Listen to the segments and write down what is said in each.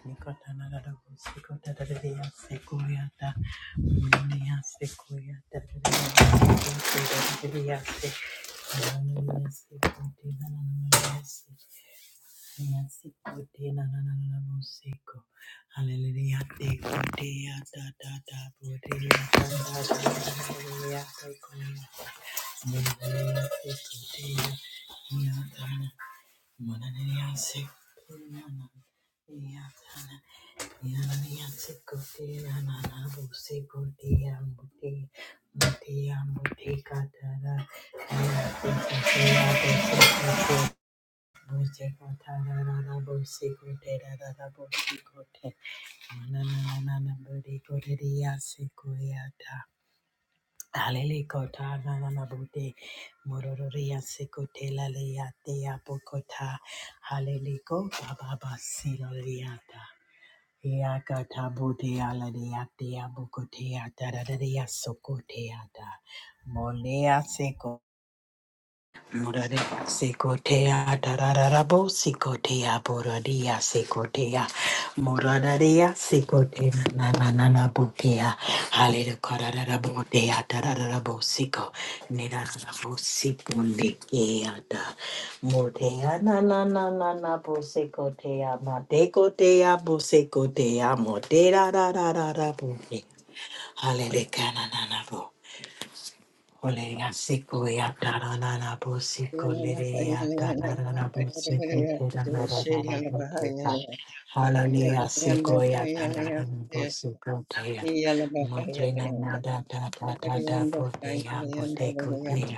Hallelujah, te kodea da da da bodea da da da hallelujah, te kodea, hallelujah, te kodea, ya da, mananea se kodea na, Hallelujah. Mororia Secotela Lea Dea Bocota, Halelico Baba Siloriata, Yakatabutea ladeatea bukotea taradaria sokotea da Molea seko Muraria secotea tarararabo secotea boraria secotea muradaria secotea nananana bukea halero carararabo dea tarararabo seco nirarabo seco negeata murtea nananana bosecotea matecotea bosecotea moderarararabo halero cananana Hallelujah, Sequoia, Tanana, Yeah. Bosu, Protea, Matrina, Nada, da, da, da, da, Protea, Proteco, Dea,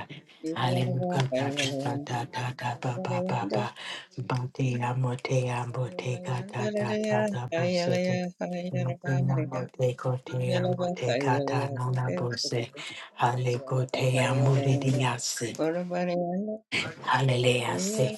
Hallelujah, da, da, da, da, da, ba, ba, ba, ba, Batea, Motea, Boteca, da, da, da, da, Bosu, Matrina, Moteco, Tea, Moteca, Tanana, Halekotea muridiasi. Hallelujah. se.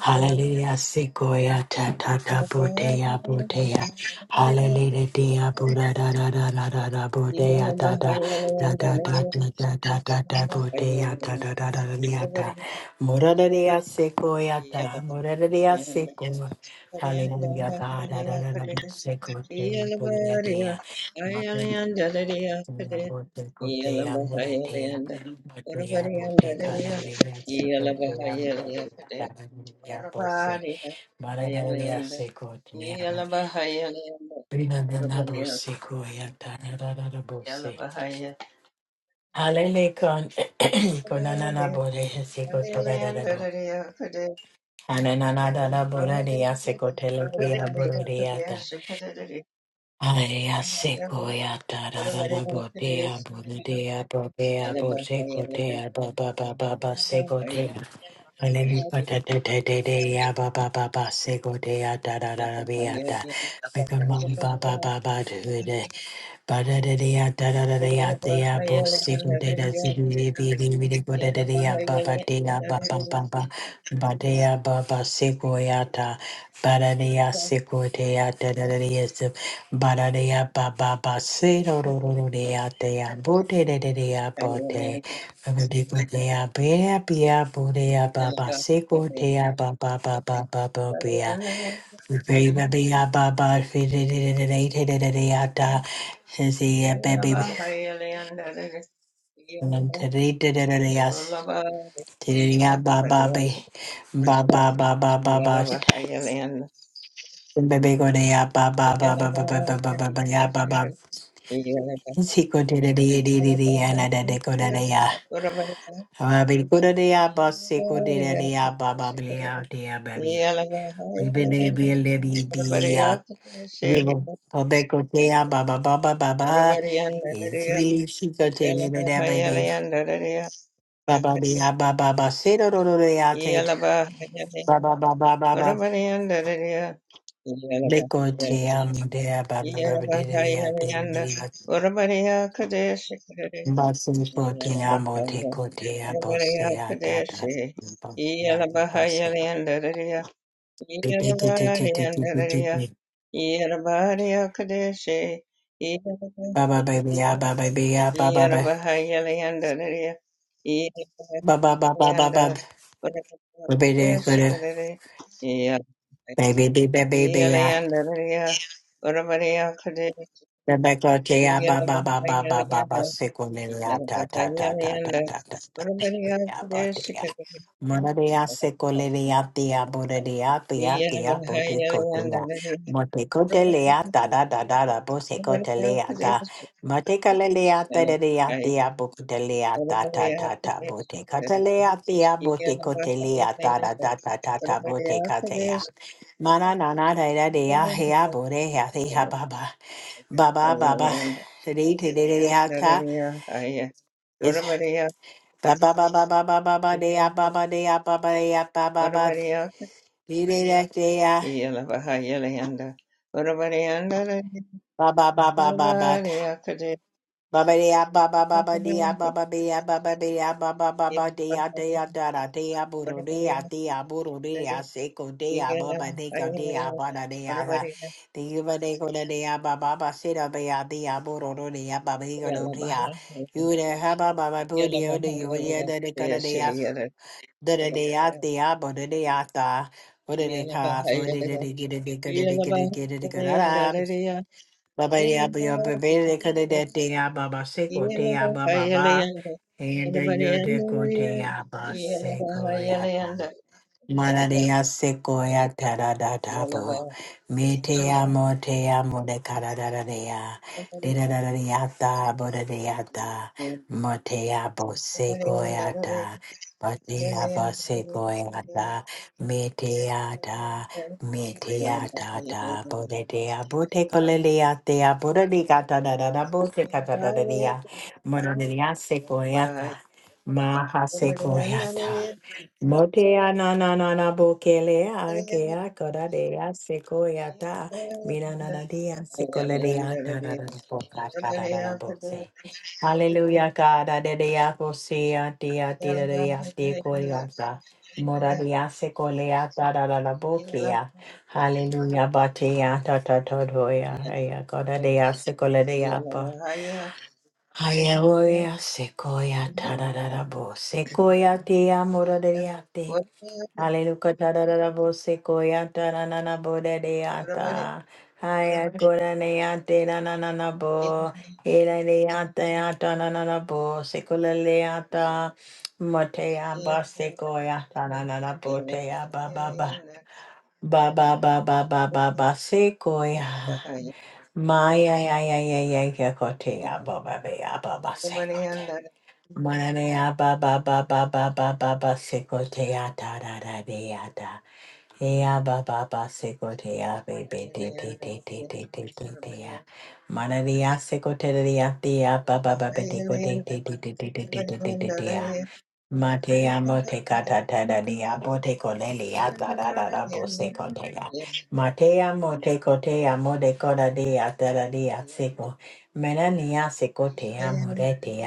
Hallelujah. se Koya ta ta ta botea botea. Yeah. Hallelujah. Dea buda da da da da da da Yala botea da da da da da da da da da da botea da da da da da da da. Muradaria se koya ta. Muradaria se koya. Hallelujah. God. Da da da da da se kotea botea dea. Mata- Botea botea botea muratea. Hallelujah. bahaya, yala bahaya, yala bahaya. Bada de ya ba ba ba ba se do do do do de de ba da de de ya da da da de ya de ya bo se go te da se go ye be de be de go da de de ya ba ba de ya ba ba ba ba ba de ya ba ba se go ya da ba da de ya se go te ya da da da de ya se ba da de ya ba ba ba se ro ro ro ro de ya de ya bo te de. de de ya bo te Yeah. Yeah. Ribbidibbidi-bidi-ah. Ribble. Obekotea, ba ba ba ba ba ba. It's really chicote, baby, da, baby. Ba Yalabari ba be, ah, ba ba ba. Say no no no no ah, say t- ba ba ba ba ba ba. Lekote, um, da, ba ba ba ba da, da, da, ah, da, da, da, ah. Ba, say, kote, ah, mo, te, kote, ah, bo, say, ah, da, da, da, ba, ba ah, ba, say. Te, te, te, te, te, te, te, te, te, te. Ba ba baby, ah, ba baby, ah, ba ba ba. Yarabahayalayandaraya, Ba ba ba ba ba Yarabahayanda, ba. Varabhayashakadare, Baby, baby, baby, baby. Yarabhayalayandaraya, Varabhariyakade, Rebecca Jaya ba ba ba ba ba ba Yarabahayalayanda, ba sekoleya ta ta ta ta ta Yarabahayalayanda, ta ta ta ta ya Varabhariyakade, ba de ya Shikadare, mora de ya sekoleya de ya bora de ya de ya ko Yarabahayalayandare, te ko Varabhariyakade, de le ya ta da da Shikadare, da da bo ko te le ya ta mo le le ya ta de de ya de Varabhariyakade, le ya ta ta ta ta bo te ka le ya de ya bo Yeah. te ko te le ya ta da da ta ta ta bo te ka te Mana na na da da de ya he ya bo de ya Baba Baba Today Today Today Ata is Baba Baba Baba Baba Dea Baba Dea Baba Dea Baba Baba day day day ah, Baba Baba Baba Baba dea baba baba dea baba dea baba dea baba baba dea dea da da dea buru dea dea buru dea seko dea baba deko dea bada dea da dea deko da dea baba baba sida dea dea buru do dea baba deko do dea you the haba baba buru dea do you dea da deka da dea da da dea dea bada dea da what did it cost? What did they get it get? Did Yeah. it get? Did it get? Did it get? it? Baba ya ba ya ba ba de ka de de de ya ba ba se ko de ya ba ba ba. And de yo de ko de ya ba se ko ya da. Mararia sequoia tarada tabo. Metea motea mode caradarea. Didadariata bodadeata. Motea bosequoiata. Batea bosequoiata. Meteata. Meteata da bodea botecolelea tea bodadicata da botecata da dea. Moraria sequoiata. Maha sequoiata. Motea na na na na bokele a ke a kora de seko ya mina na na de a seko le de a ta da da da bo ka da da da bo hallelujah ka da de de a bo se a te a te da de ko ri mora de seko le a ta da da da bo a hallelujah ba ta ta ta do ya e a kora de a seko le de a pa Hallelujah, sequoia, tararara, bo, sequoia, te amor, de Hallelujah. Da da da da bo ya ta na na na bo da de ya ta. Haya ko ne ya te na na na na bo. He la ya ta ya na na na bo. Se ko la ya ta. ya ba na na na bo ya ba ba ba. Ba ba ba ba ba ba ba se ya. Ma ya ya ya ya ya ya ko ya ba ba Yeah. ba ya ba ba se ko te. Yalabahayalanda, ne ya ba ba ba ba ba ba ba ba se te ya ta da da de ya ta. Ea ba ba ba seko te a te te Yalabahayalanda, te te te te te te a. Mana ni a ba ba ba be te te te te te te te te te te te te a. Ma te a mo te ka ta ta da ni a bo te ko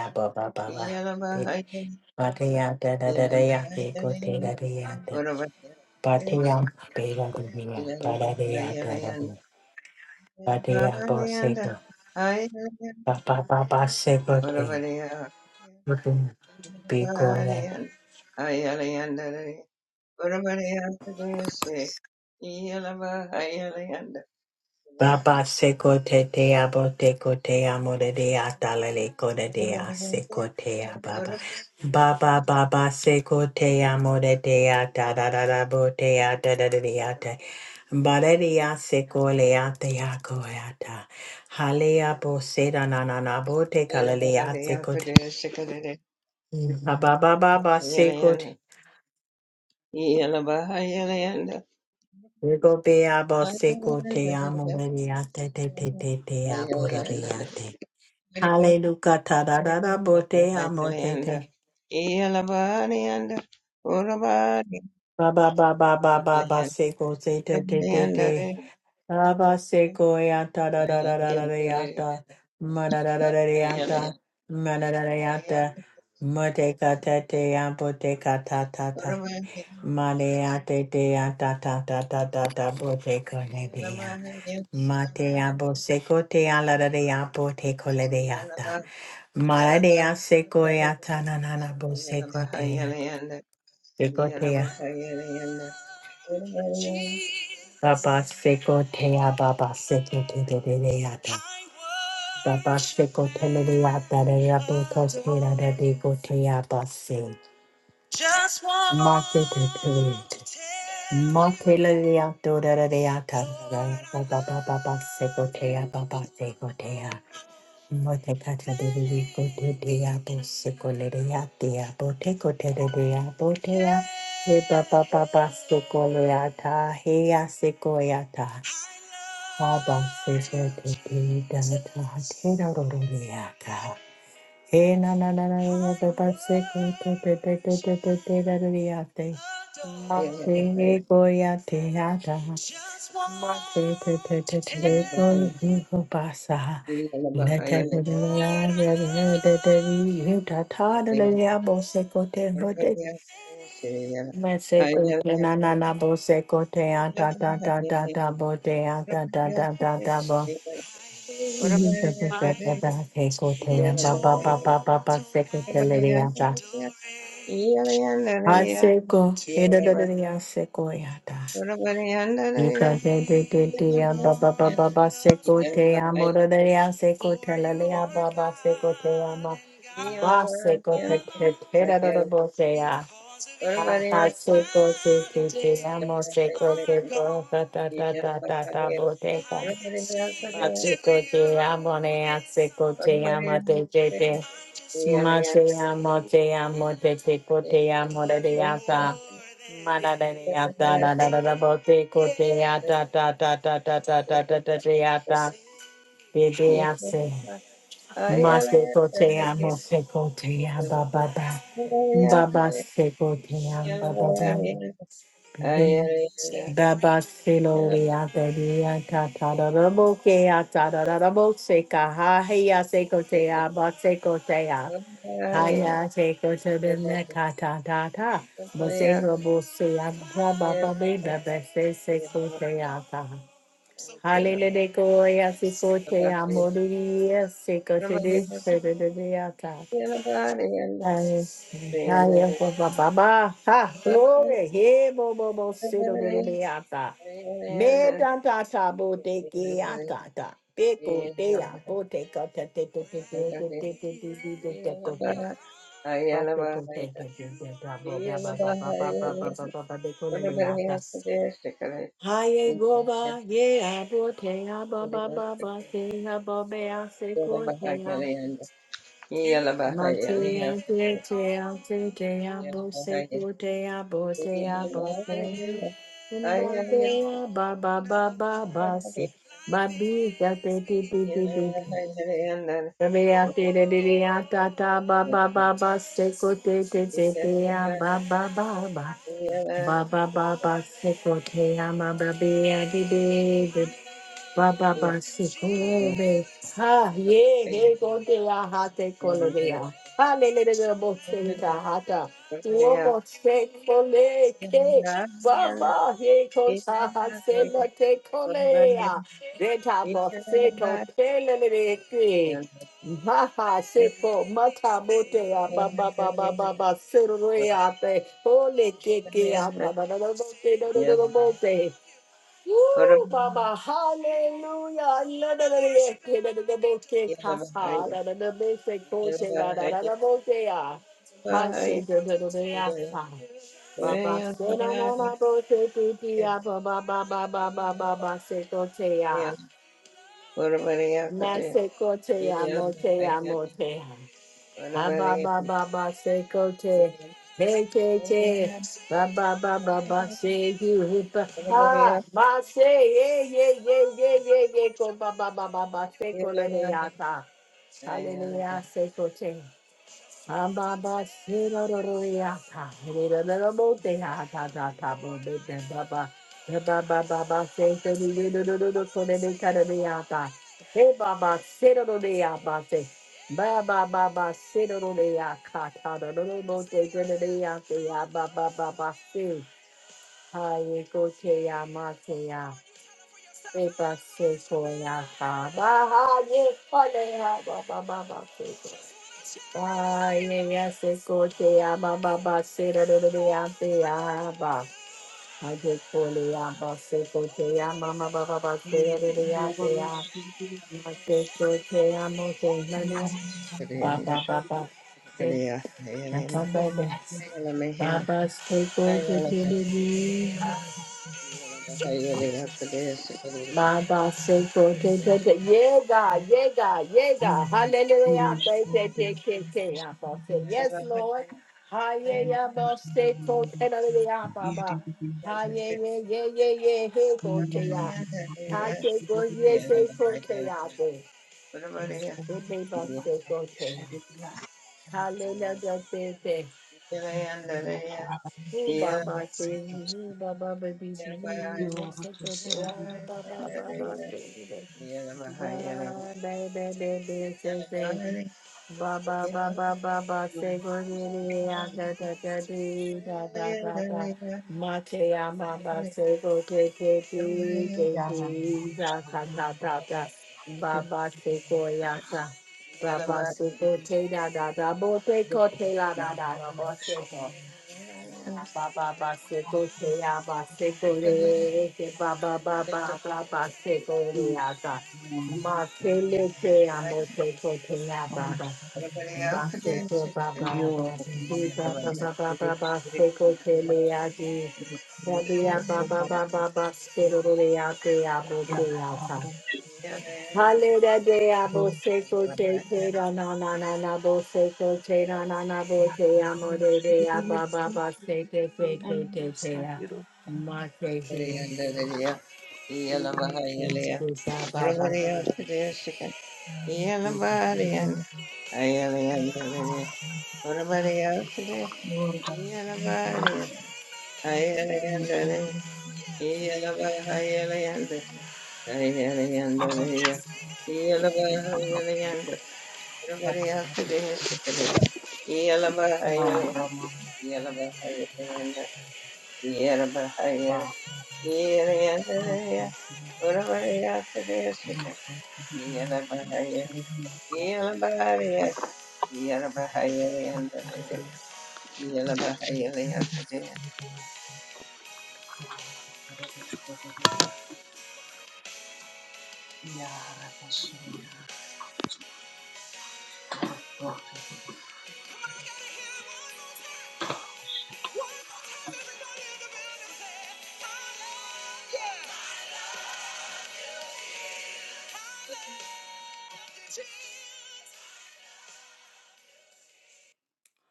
ba ba ba ba. Be- Ma te Patea, pega de mía, para de atar de. Patea, boseco, papá, papá, seco te. Hayalanda, Orabadiya, Pico de. Yeah. Papa seco te te abo te co te amo de de atalale co de de a seco te a baba. Baba baba seco te amo de de a da da da da bo a da da da de a te. Bare de a seco a te a a ta. Halea bo se da na na na bo te kalale a Ababa seko te. Rego be abo seko te amo, te te te te te aboreria Hallelujah ta da da da bo amo te te. Baba baba baba Yeah, Baba seko te te te te te. Aba seko ya ta da da da da da da ya ta. Ma da da da da da ya ta. Ma da da da ya ta. Ma te ka te te ya bo te ka ta ta ta. Ma le ya te te ya ta ta ta ta ta ta bo te ka ne de Mateabo secotea la deapo te coledeata. Maladea secoeata nanana bo secotea. Secotea. Baba secotea baba secoteata. Baba secoteleata de rapo costera de decotea basse. Just one Mate te te. Mate la deato de deata. Baba baba secotea baba secotea. Motekacha Devi Kote Deabo Sukolea Deabo Teko Deabo Tea He Baba Baba Sukoleata Hea Sekoyata Baba Seko Te Data Tera Roriaka He Na Na Na Na Na Na Baba Seko Te Te Te Te Te Te Te Mate goya te ada. Mate te te te te te goya go basa. Neta te te te te te te te ta ta Yeah. de le ya bo se ko te bo te. Me se ko te na na na bo se ko te a ta ta ta ta ta bo te a ta ta ta ta ta bo. Ti ta ta ta ta ta te ko te a ba ba ba ba ba ba se ko te le ya ta. A se ko e da da da da ya se ko ya ta. Seco, Pachicote amo ne Thank acecote you. amo Lord. Nobody, te te te. Mate amo te amo te te cote amo de de ata. Mana de de ata da da da da bote cote ata ta ta ta ta ta ta ta ta ta ata. De de ase. Mate cote amo se cote aba baba. Baba se cote amba baba. Hallelujah, nobody, nobody, nobody, nobody, Hallelujah. nobody, Ba, ba, ba. Ha, nobody, glory. He bo bo bo si do do do Yeah. de ata. Me da da ta bo te ke ata ta. Pe ko te a bo te ka te te te te te te te te te te te te ko te. Ba te ko te te te te ta bo ba ba ba ba ba ba ba ba ba ba de ko le le ata. Ha ye go ba ye a bo te a ba ba ba ba te a bo be a se ko te a. Matea te te te te abo se ku te abo te abo te ba ba ya ba ba ba ba ba se ba bi ya te te te te te te ba be ya te te te te ya ta ta ba ba ba ba se ku te te te te ya ba ba ba ba ba ba ba ba se ku te ya ma ba be ya be Baba Yeah. Ora Basikolebe. Ha ye he gote ya hate kolebe ya. Ha le le le le bo se ta hata. Wo bo se kole ke. Baba he ko ta ha se la te kole ya. De ta bo se to te le le le ke. Ha ha se ko mata bote ya baba baba baba se ro ya te. Ole ke ke ya ta da da da bo te da da da da bo te. Woo, Mama, hallelujah. Iladadadadeke, dadadadabeke, kasa, dadadabese, koche, dadadadabokea. Hashe, dadadadadeyasa. Baba se na na na bo se ti ti ya ba ba ba ba ba ba ba ba se ko te bariya Na kade, se ko te iya mo te la mo te Ah, ba Anybody ba ba ba say kote. Hey te te. Ba ba ba ba ba say you hipa. anybody Ha else? ba say yeah yeah yeah yeah yeah yeah ko ba ba ba ba ba say ko le de yata. Hallelujah Anybody say kote. Ababa sirororiya ta hirororobo te ha ta ta ta bo de te baba he baba baba se se ni ni ni ni ni ni so ne ne ka ne ne ya ta he baba sirororiya ba se baba baba sirororiya ka ta da no no bo te te ne ne ya te ya baba baba se ha ye ko te ya ma te ya he ba se so ya ta ba ha ye ko ne ya baba baba se Ah, yes, it's good. Yeah, ba ba ba, say da da da da, say ah ba. I just call it ah ba, say good. Yeah, ma ma ba ba ba, say da da da, say ah. I just call it ah, mo say na na. Ba ba ba ba, say na come baby. Baba, stay good to me. My boss said, "Go, go, go, go." Yeah, God, yeah, God, yeah, God. Hallelujah. Thank you, thank you, thank you. I say, Yes, Lord. Hallelujah. boss said, go, go, go, go, Baba. Hallelujah. Yeah, yeah, yeah. Hey, go, go, go. Hallelujah. go, yeah, say, go, go, go, go. Good name, boss said, go, go, go. Hallelujah. Thank you. Ooh, Baba, say, ooh, Baba, baby, ooh, boss said, go, go, Everybody go, Baba, Baba, say, go. Ba ba ba ba ba say say. Ba ba ba ba ba ba say go di di ya da da da di da da da da. Ma te ya ma ba say go te te di te di da da da da da. Ba ba say go ya sa. Ba ba say go te da da da bo te ko te la da da da bo say go. Baba Baseko Shea Baseko Reke Baba Baba Baba Seko Reata Makele Shea Moseko Shea Baba else could do Baseko it. Baba Baba Baba Baba Baba Seko Shea Baba Baba Yeah. Baba Seko Reata Yabo Hallelujah, de abo se coche te ra na na na na bo se coche ra na na bo te amo de de aba ba ba se te te te te te ya ma te he Yeah. Jesus, ba ba ba. Yelabahaya, Yelayandalaya, Uravaryakadeshika, Yelabahaya, Yelabaharya, Yelabahaya, Leandalaya, Yelabahaya, Leakadea.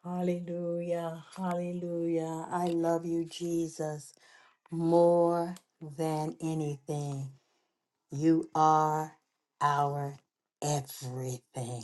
Hallelujah, hallelujah. I love you, Jesus, more than anything. You are our everything.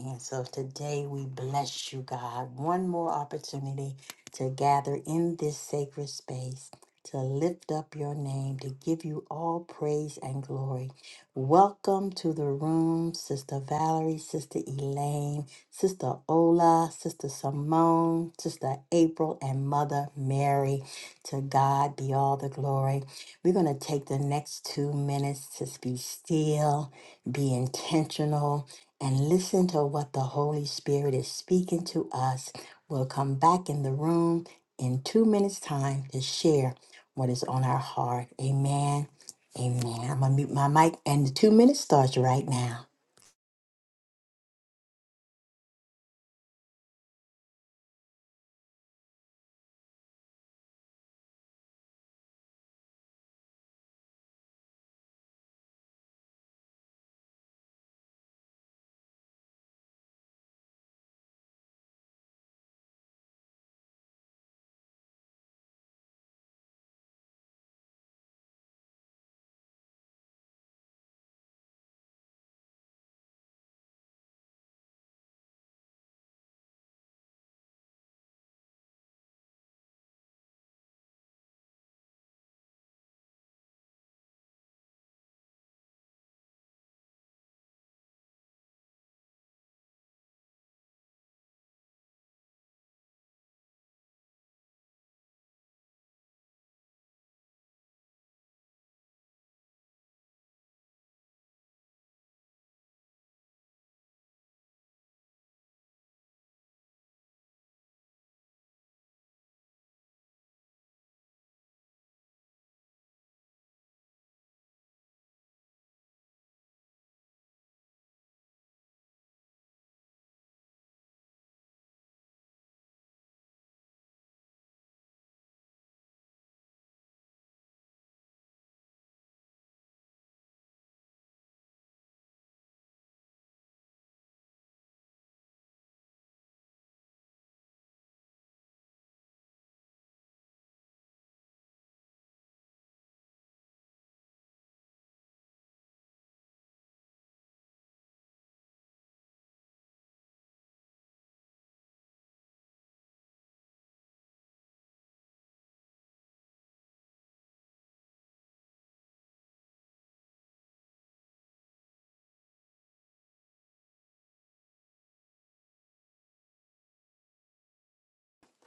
And so today we bless you, God. One more opportunity to gather in this sacred space, to lift up your name, to give you all praise and glory. Welcome to the room, Sister Valerie, Sister Elaine, Sister Ola, Sister Simone, Sister April, and Mother Mary. To God be all the glory. We're going to take the next two minutes to be still, be intentional, and listen to what the Holy Spirit is speaking to us. We'll come back in the room in two minutes' time to share what is on our heart. Amen. Amen. I'm going to mute my mic, and the two minutes starts right now.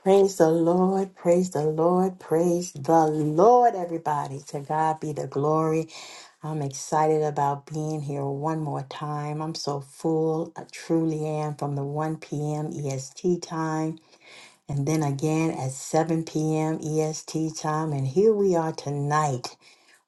Praise the Lord, praise the Lord, praise the Lord, everybody. To God be the glory. I'm excited about being here one more time. I'm so full, I truly am, from the 1 p.m. EST time and then again at 7 p.m. EST time. And here we are tonight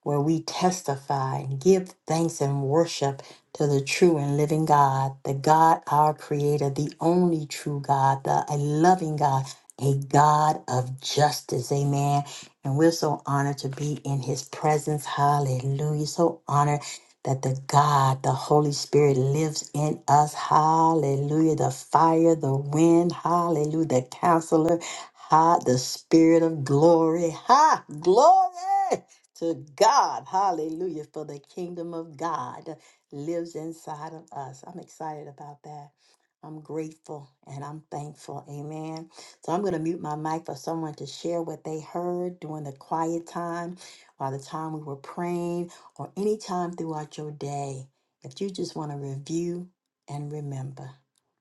where we testify and give thanks and worship to the true and living God, the God our Creator, the only true God, the a loving God, a God of justice. Amen. And we're so honored to be in His presence. Hallelujah. So honored that the God, the Holy Spirit lives in us. Hallelujah. The fire, the wind, hallelujah. The counselor, ha, the spirit of glory. Ha, glory to God. Hallelujah. For the kingdom of God lives inside of us. I'm excited about that. I'm grateful and I'm thankful. Amen. So I'm going to mute my mic for someone to share what they heard during the quiet time, or the time we were praying, or any time throughout your day. If you just want to review and remember,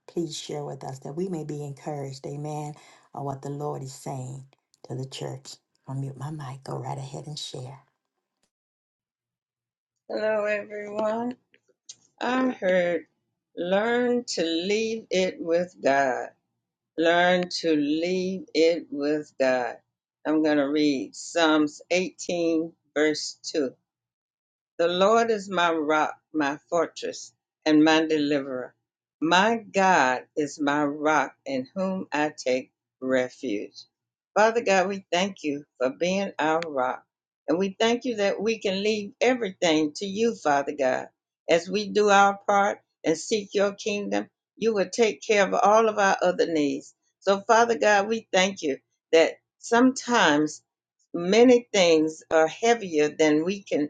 please share with us that we may be encouraged. Amen. Or what the Lord is saying to the church. I'll mute my mic. Go right ahead and share. Hello, everyone. I heard learn to leave it with God. Learn to leave it with God. I'm going to read Psalms 18, verse 2. The Lord is my rock, my fortress, and my deliverer. My God is my rock in whom I take refuge. Father God, we thank you for being our rock. And we thank you that we can leave everything to you, Father God. As we do our part and seek your kingdom, you will take care of all of our other needs. So, Father God, we thank you that sometimes many things are heavier than we can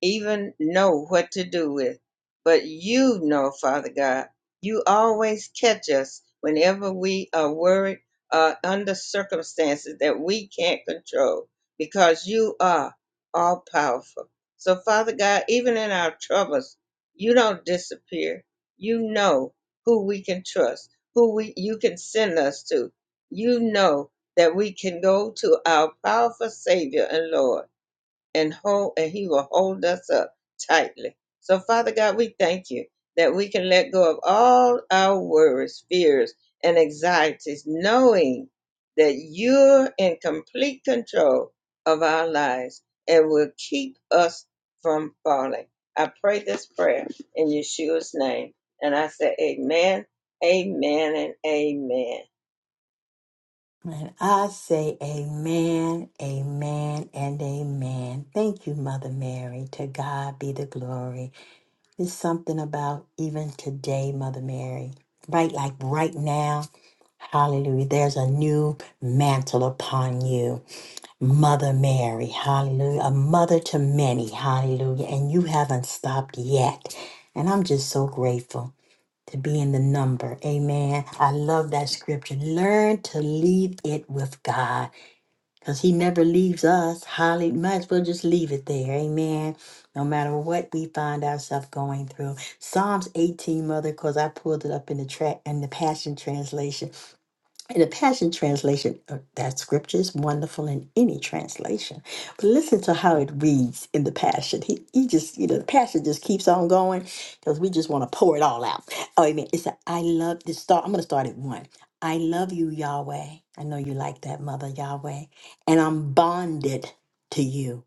even know what to do with. But you know, Father God, you always catch us whenever we are worried uh, under circumstances that we can't control because you are all powerful. So, Father God, even in our troubles, you don't disappear. You know who we can trust, who we, you can send us to. You know that we can go to our powerful Savior and Lord and hold and he will hold us up tightly. So Father God, we thank you that we can let go of all our worries, fears, and anxieties, knowing that you're in complete control of our lives and will keep us from falling. I pray this prayer in Yeshua's name. And I say amen, amen, and amen. And I say amen, amen, and amen. Thank you, Mother Mary. To God be the glory. There's something about even today, Mother Mary. Right, like right now, Hallelujah. There's a new mantle upon you, Mother Mary. Hallelujah. A mother to many. Hallelujah. And you haven't stopped yet. And I'm just so grateful to be in the number. Amen. I love that scripture. Learn to leave it with God because He never leaves us. Holly, might as well just leave it there. Amen. No matter what we find ourselves going through. Psalms 18, Mother, because I pulled it up in the track in the Passion Translation. In the Passion Translation, uh, that scripture is wonderful in any translation. But listen to how it reads in the Passion. He, he just, you know, the Passion just keeps on going because we just want to pour it all out. Oh, amen. It's a, I love this start. I'm going to start at one. I love you, Yahweh. I know you like that, Mother Yahweh. And I'm bonded to you,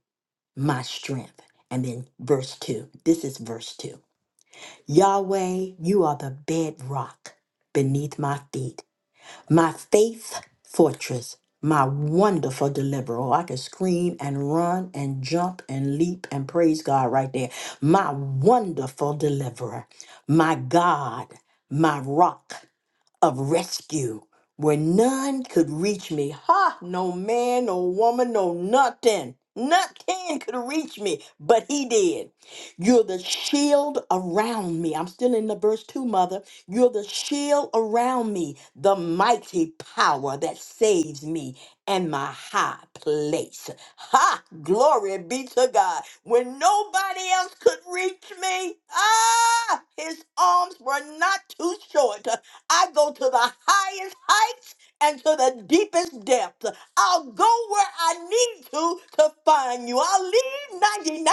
my strength. And then verse two. This is verse two. Yahweh, you are the bedrock beneath my feet my faith fortress, my wonderful deliverer. Oh, I can scream and run and jump and leap and praise God right there. My wonderful deliverer, my God, my rock of rescue where none could reach me. Ha! No man, no woman, no nothing. Nothing could reach me, but he did. You're the shield around me. I'm still in the verse 2, mother. You're the shield around me, the mighty power that saves me and my high place. Ha! Glory be to God. When nobody else could reach me, ah, his arms were not too short. I go to the highest heights and to the deepest depths. I'll go where I need to to find you. I'll leave 99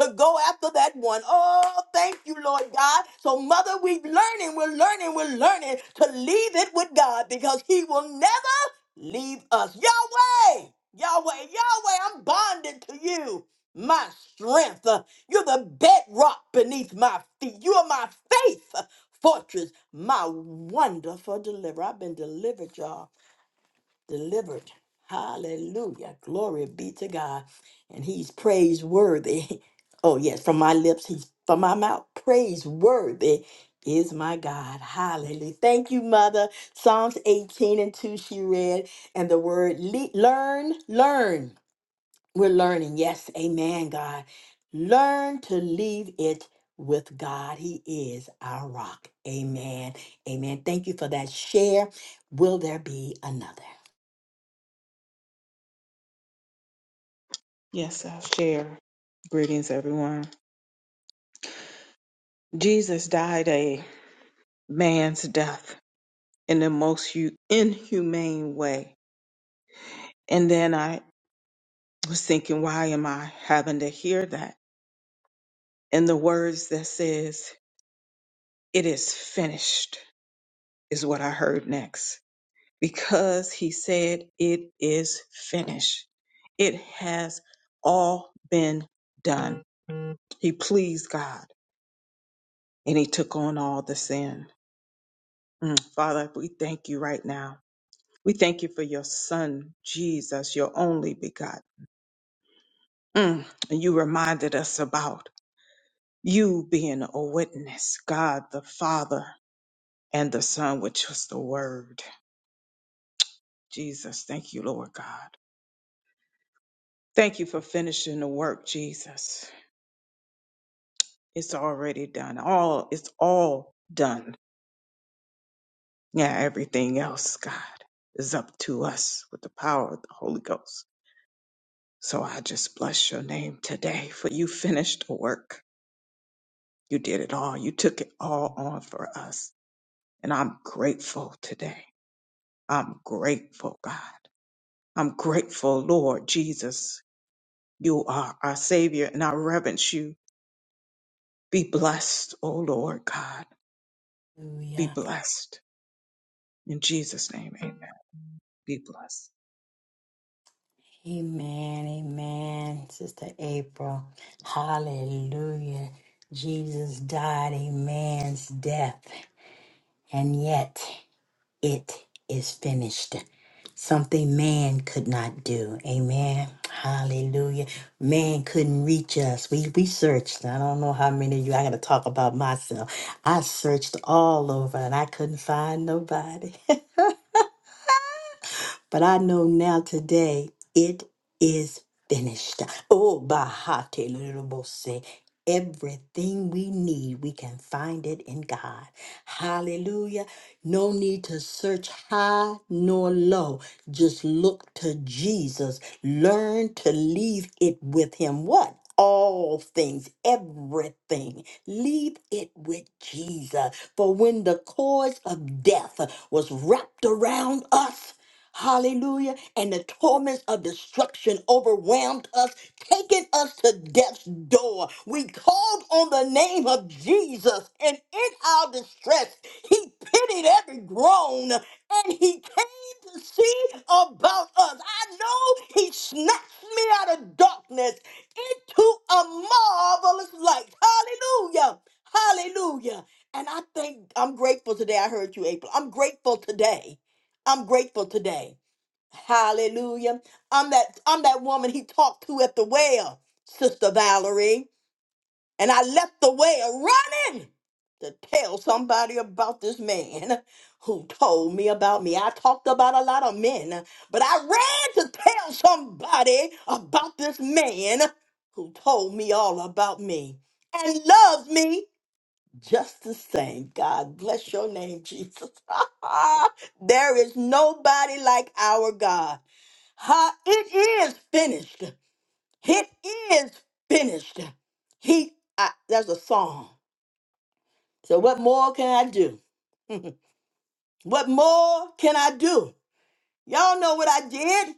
to go after that one. Oh, thank you, Lord God. So, Mother, we're learning, we're learning, we're learning to leave it with God because He will never leave us. Yahweh, Yahweh, Yahweh, I'm bonded to you my strength. Uh, You're the bedrock beneath my feet. You are my faith uh, fortress, my wonderful deliverer. I've been delivered, y'all. Delivered. Hallelujah. Glory be to God. And he's praiseworthy. Oh, yes, from my lips, he's from my mouth. Praiseworthy is my God. Hallelujah. Thank you, Mother. Psalms 18 and 2, she read, and the word le- learn, learn. We're learning. Yes, amen, God. Learn to leave it with God. He is our rock. Amen. Amen. Thank you for that share. Will there be another? Yes, I'll share. Greetings, everyone. Jesus died a man's death in the most hu- inhumane way. And then I was thinking, why am I having to hear that? And the words that says, it is finished, is what I heard next. Because he said, it is finished. It has all been done. He pleased God and he took on all the sin. Mm, Father, we thank you right now We thank you for your son, Jesus, your only begotten. Mm, And you reminded us about you being a witness, God the Father and the Son, which was the Word. Jesus, thank you, Lord God. Thank you for finishing the work, Jesus. It's already done. All it's all done. Yeah, everything else, God, is up to us with the power of the Holy Ghost. So I just bless your name today for you finished the work. You did it all. You took it all on for us. And I'm grateful today. I'm grateful, God. I'm grateful, Lord Jesus. You are our Savior and I reverence you. Be blessed, O Lord God. Be Hallelujah. blessed. In Jesus' name, amen. Amen. Amen. Sister April. Hallelujah. Jesus died a man's death, and yet. It is finished. Something man could not do. Amen. Hallelujah. Man couldn't reach us. We we searched. I don't know how many of you I gotta talk about myself. I searched all over and I couldn't find nobody. But I know now today it is finished. Oh, Bahate Lurubose. Everything we need, we can find it in God. Hallelujah. No need to search high nor low. Just look to Jesus. Learn to leave it with Him. What? All things, everything. Leave it with Jesus. For when the cords of death was wrapped around us, Hallelujah. And the torments of destruction overwhelmed us, taking us to death's door. We called on the name of Jesus, and in our distress, he pitied every groan and he came to see about us. I know he snatched me out of darkness into a marvelous light. Hallelujah. Hallelujah. And I think I'm grateful today. I heard you, April. I'm grateful today. I'm grateful today. Hallelujah. I'm that I'm that woman he talked to at the well, Sister Valerie. And I left the well running to tell somebody about this man who told me about me. I talked about a lot of men, but I ran to tell somebody about this man who told me all about me and loved me just the same. God bless your name, Jesus. there is nobody like our God. Ha, it is finished. It is finished. He, I, that's a song. So what more can I do? what more can I do? Y'all know what I did.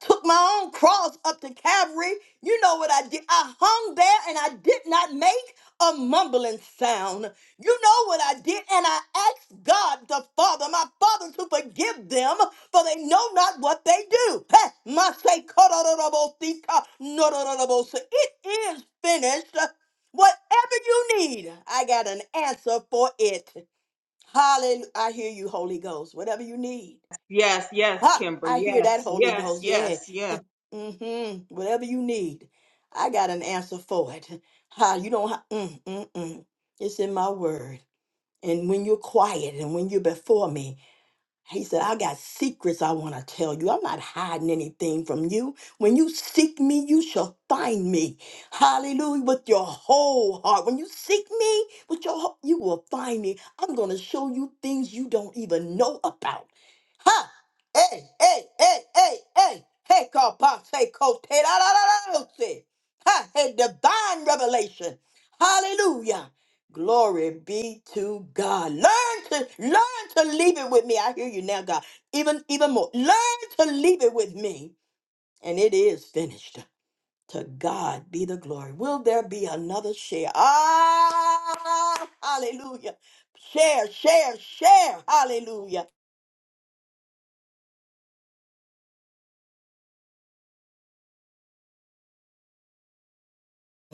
took my own cross up to Calvary. You know what I did? I hung there and I did not make a mumbling sound. You know what I did? And I asked God the Father, my Father, to forgive them, for they know not what they do. Hey, my say, "Korororobosika, norororobosi." It is finished. Whatever you need, I got an answer for it. Hallelujah. I hear you, Holy Ghost. Whatever you need. Yes, yes, Ha! Kimber. I hear Yes, that Holy yes, Ghost. Yeah. yes, yes, Mm-hmm. Whatever you need, I got an answer for it. How you don't? Ha- mm, mm, mm. It's in my word. And when you're quiet and when you're before me, he said, I got secrets I want to tell you. I'm not hiding anything from you. When you seek me, you shall find me. Hallelujah. With your whole heart. When you seek me, with your whole, you will find me. I'm going to show you things you don't even know about. Ha! Hey, hey, hey, hey, hey. Hey, call boss, hey, coach, hey, la, la, la, la, la, say. Ha! Hey, divine revelation. Hallelujah. Glory be to God. Learn to learn to leave it with me. I hear you now, God. Even even more. Learn to leave it with me. And it is finished. To God be the glory. Will there be another share? Ah hallelujah. Share, share, share. Hallelujah.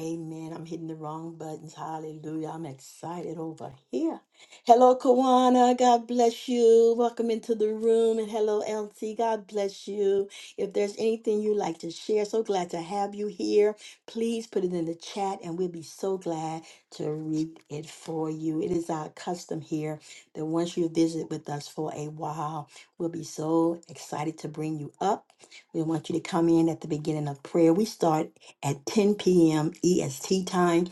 Amen. I'm hitting the wrong buttons. Hallelujah. I'm excited over here. Hello, Kawana. God bless you. Welcome into the room. And hello, LT. God bless you. If there's anything you'd like to share, so glad to have you here. Please put it in the chat and we'll be so glad to read it for you. It is our custom here that once you visit with us for a while, we'll be so excited to bring you up. We want you to come in at the beginning of prayer. We start at 10 p.m. EST time,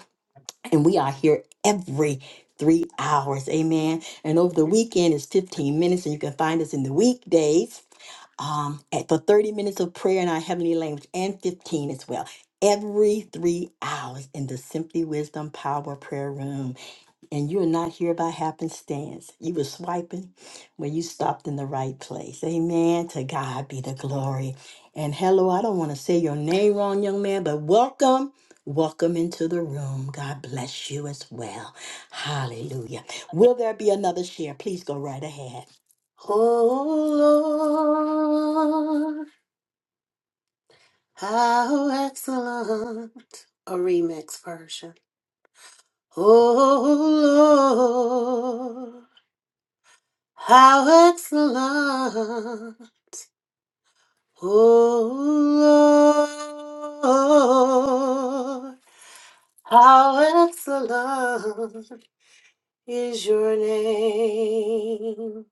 and we are here every three hours. Amen. And over the weekend is 15 minutes, and you can find us in the weekdays um, at, for 30 minutes of prayer in our heavenly language and 15 as well. Every three hours in the Simply Wisdom Power Prayer Room and you're not here by happenstance. You were swiping when you stopped in the right place. Amen. To God be the glory. And hello, I don't want to say your name wrong, young man, but welcome. Welcome into the room. God bless you as well. Hallelujah. Will there be another share? Please go right ahead. Oh Lord, how excellent. A remix version. Oh Lord, how excellent. Oh Lord, how excellent is your name.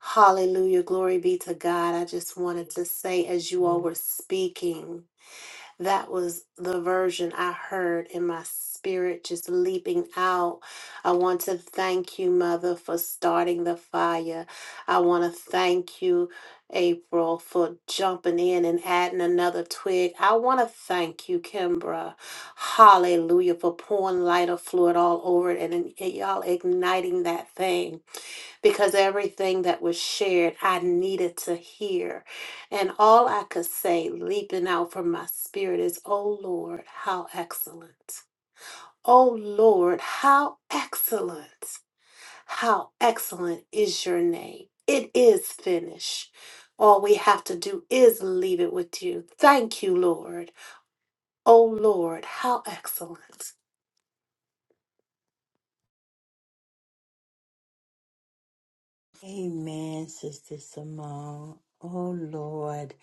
Hallelujah. Glory be to God. I just wanted to say, as you all were speaking, That was the version I heard in my spirit just leaping out. I want to thank you, Mother, for starting the fire. I want to thank you, April, for jumping in and adding another twig. I want to thank you, Kimbra. Hallelujah, for pouring lighter fluid all over it and, and y'all igniting that thing because everything that was shared, I needed to hear. And all I could say, leaping out from my spirit, is, Oh Lord, how excellent. Oh Lord, how excellent. How excellent is your name. It is finished. All we have to do is leave it with you. Thank you, Lord. Oh Lord, how excellent. Amen, Sister Simone. Oh, Lord.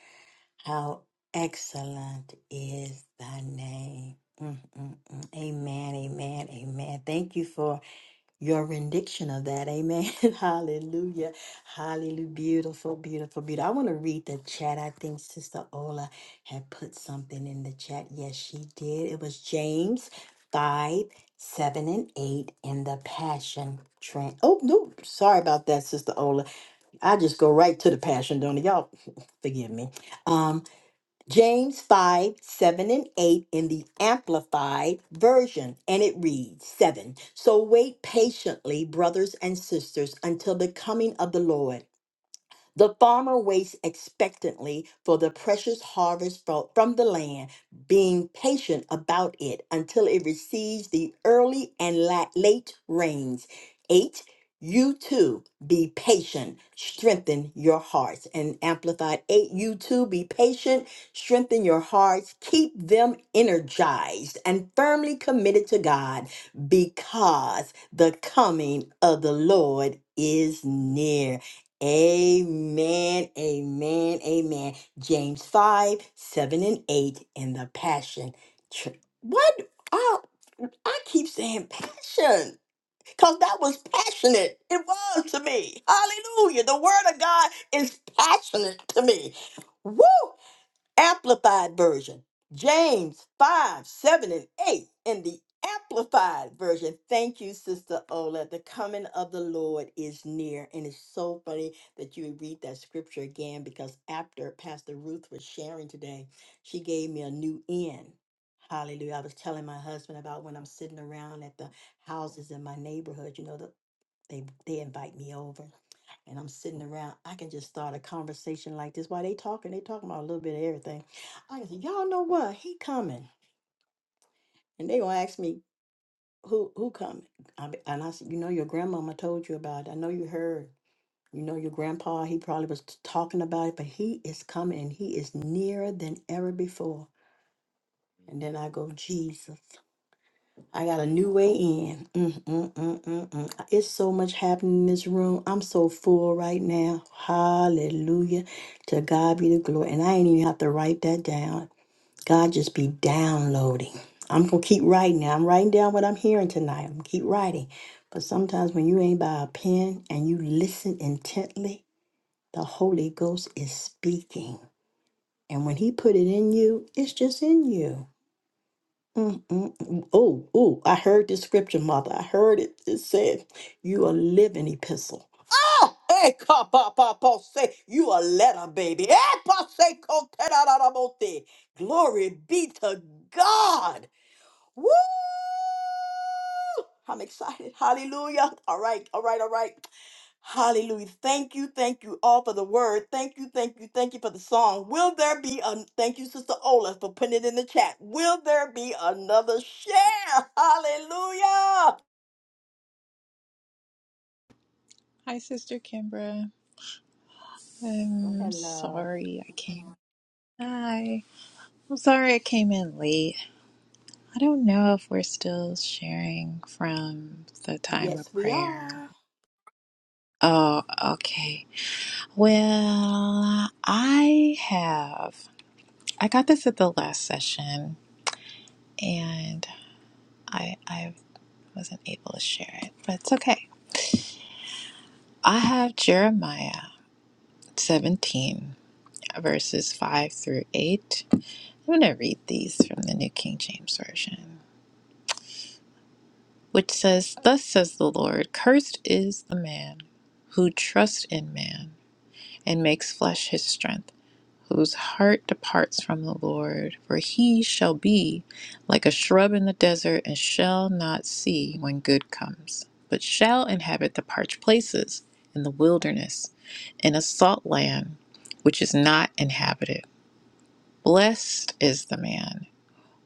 How excellent is thy name. Mm, mm, mm. Amen, amen, amen. Thank you for your rendition of that. Amen. Hallelujah. Hallelujah. Beautiful, beautiful, beautiful. I want to read the chat. I think Sister Ola had put something in the chat. Yes, she did. It was James 5, 7, and 8 in the Passion Trend. Oh, no. Sorry about that, Sister Ola. I just go right to the Passion, don't I? Y'all forgive me. Um, James 5, 7 and 8 in the Amplified Version, and it reads 7. So wait patiently, brothers and sisters, until the coming of the Lord. The farmer waits expectantly for the precious harvest fro- from the land, being patient about it until it receives the early and la- late rains. Eight, you too be patient, strengthen your hearts. And Amplified eight, you too be patient, strengthen your hearts, keep them energized and firmly committed to God because the coming of the Lord is near. Amen, amen, amen. James 5, 7, and 8 in the Passion. Tr- What? Oh, I keep saying passion because that was passionate. It was to me. Hallelujah. The Word of God is passionate to me. Woo! Amplified Version, James 5, 7, and 8 in the Amplified Version. Thank you, Sister Ola. The coming of the Lord is near. And it's so funny that you read that scripture again because after Pastor Ruth was sharing today, she gave me a new end. Hallelujah. I was telling my husband about when I'm sitting around at the houses in my neighborhood, you know, the, they, they invite me over and I'm sitting around, I can just start a conversation like this. While they talking, they talking about a little bit of everything. I can say, y'all know what? He coming, and they gonna ask me who who coming, I, be- and I said, you know, your grandmama told you about. it. I know you heard. You know, your grandpa, he probably was t- talking about it, but he is coming, and he is nearer than ever before. And then I go, Jesus. I got a new way in. Mm, mm, mm, mm, mm. It's so much happening in this room. I'm so full right now. Hallelujah. To God be the glory. And I ain't even have to write that down. God just be downloading. I'm going to keep writing now. I'm writing down what I'm hearing tonight. I'm going to keep writing. But sometimes when you ain't by a pen and you listen intently, the Holy Ghost is speaking. And when he put it in you, it's just in you. Mm, mm, mm. Oh, oh, I heard this scripture, mother. I heard it. It said, You a living epistle. Oh, hey, papa, papa, say, You a letter, baby. Eh, pa, say, ko, te, da, da, da, bo, te. Glory be to God. Woo! I'm excited. Hallelujah. All right, all right, all right. Hallelujah. Thank you, thank you all for the word. Thank you, thank you, thank you for the song. Will there be a thank you, Sister Ola, for putting it in the chat? Will there be another share? Hallelujah. Hi, Sister Kimbra. Oh, I'm hello. sorry I came. Hi. I'm sorry I came in late. I don't know if we're still sharing from the time Yes, of we prayer. are. Oh, okay. Well, I have. I got this at the last session and I I wasn't able to share it, but it's okay. I have Jeremiah 17 verses 5 through 8 I'm going to read these from the New King James Version, which says, Thus says the Lord, cursed is the man who trusts in man and makes flesh his strength, whose heart departs from the Lord, for he shall be like a shrub in the desert and shall not see when good comes, but shall inhabit the parched places in the wilderness, in a salt land which is not inhabited. Blessed is the man.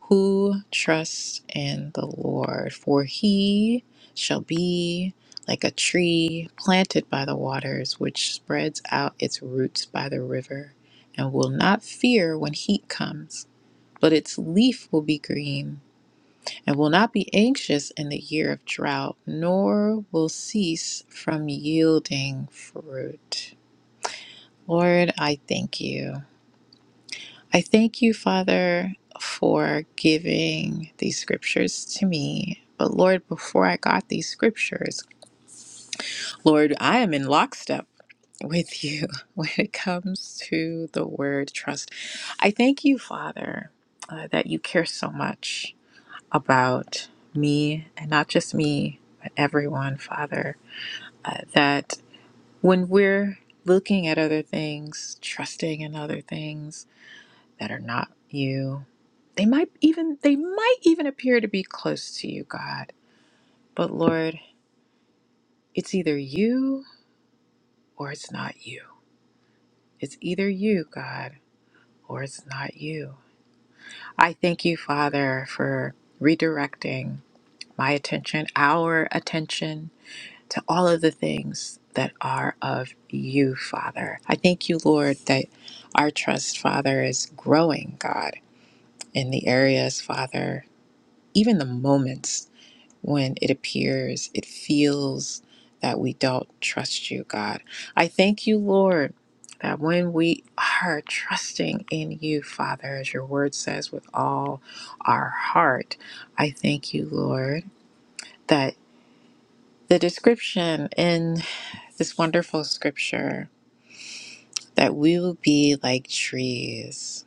who trusts in the Lord, for he shall be like a tree planted by the waters, which spreads out its roots by the river, and will not fear when heat comes. But its leaf will be green, and will not be anxious in the year of drought, nor will cease from yielding fruit. Lord, I thank you. I thank you, Father, for giving these scriptures to me. But Lord, before I got these scriptures, Lord, I am in lockstep with you when it comes to the word trust. I thank you, Father, uh, that you care so much about me and not just me, but everyone, Father, uh, that when we're looking at other things, trusting in other things, that are not you. They might even they might even appear to be close to you, God. But Lord, it's either you or it's not you. It's either you, God, or it's not you. I thank you, Father, for redirecting my attention, our attention to all of the things that are of you, Father. I thank you, Lord, that our trust, Father, is growing, God, in the areas, Father, even the moments when it appears, it feels that we don't trust you, God. I thank you, Lord, that when we are trusting in you, Father, as your word says, with all our heart, I thank you, Lord, that the description in this wonderful scripture that we will be like trees.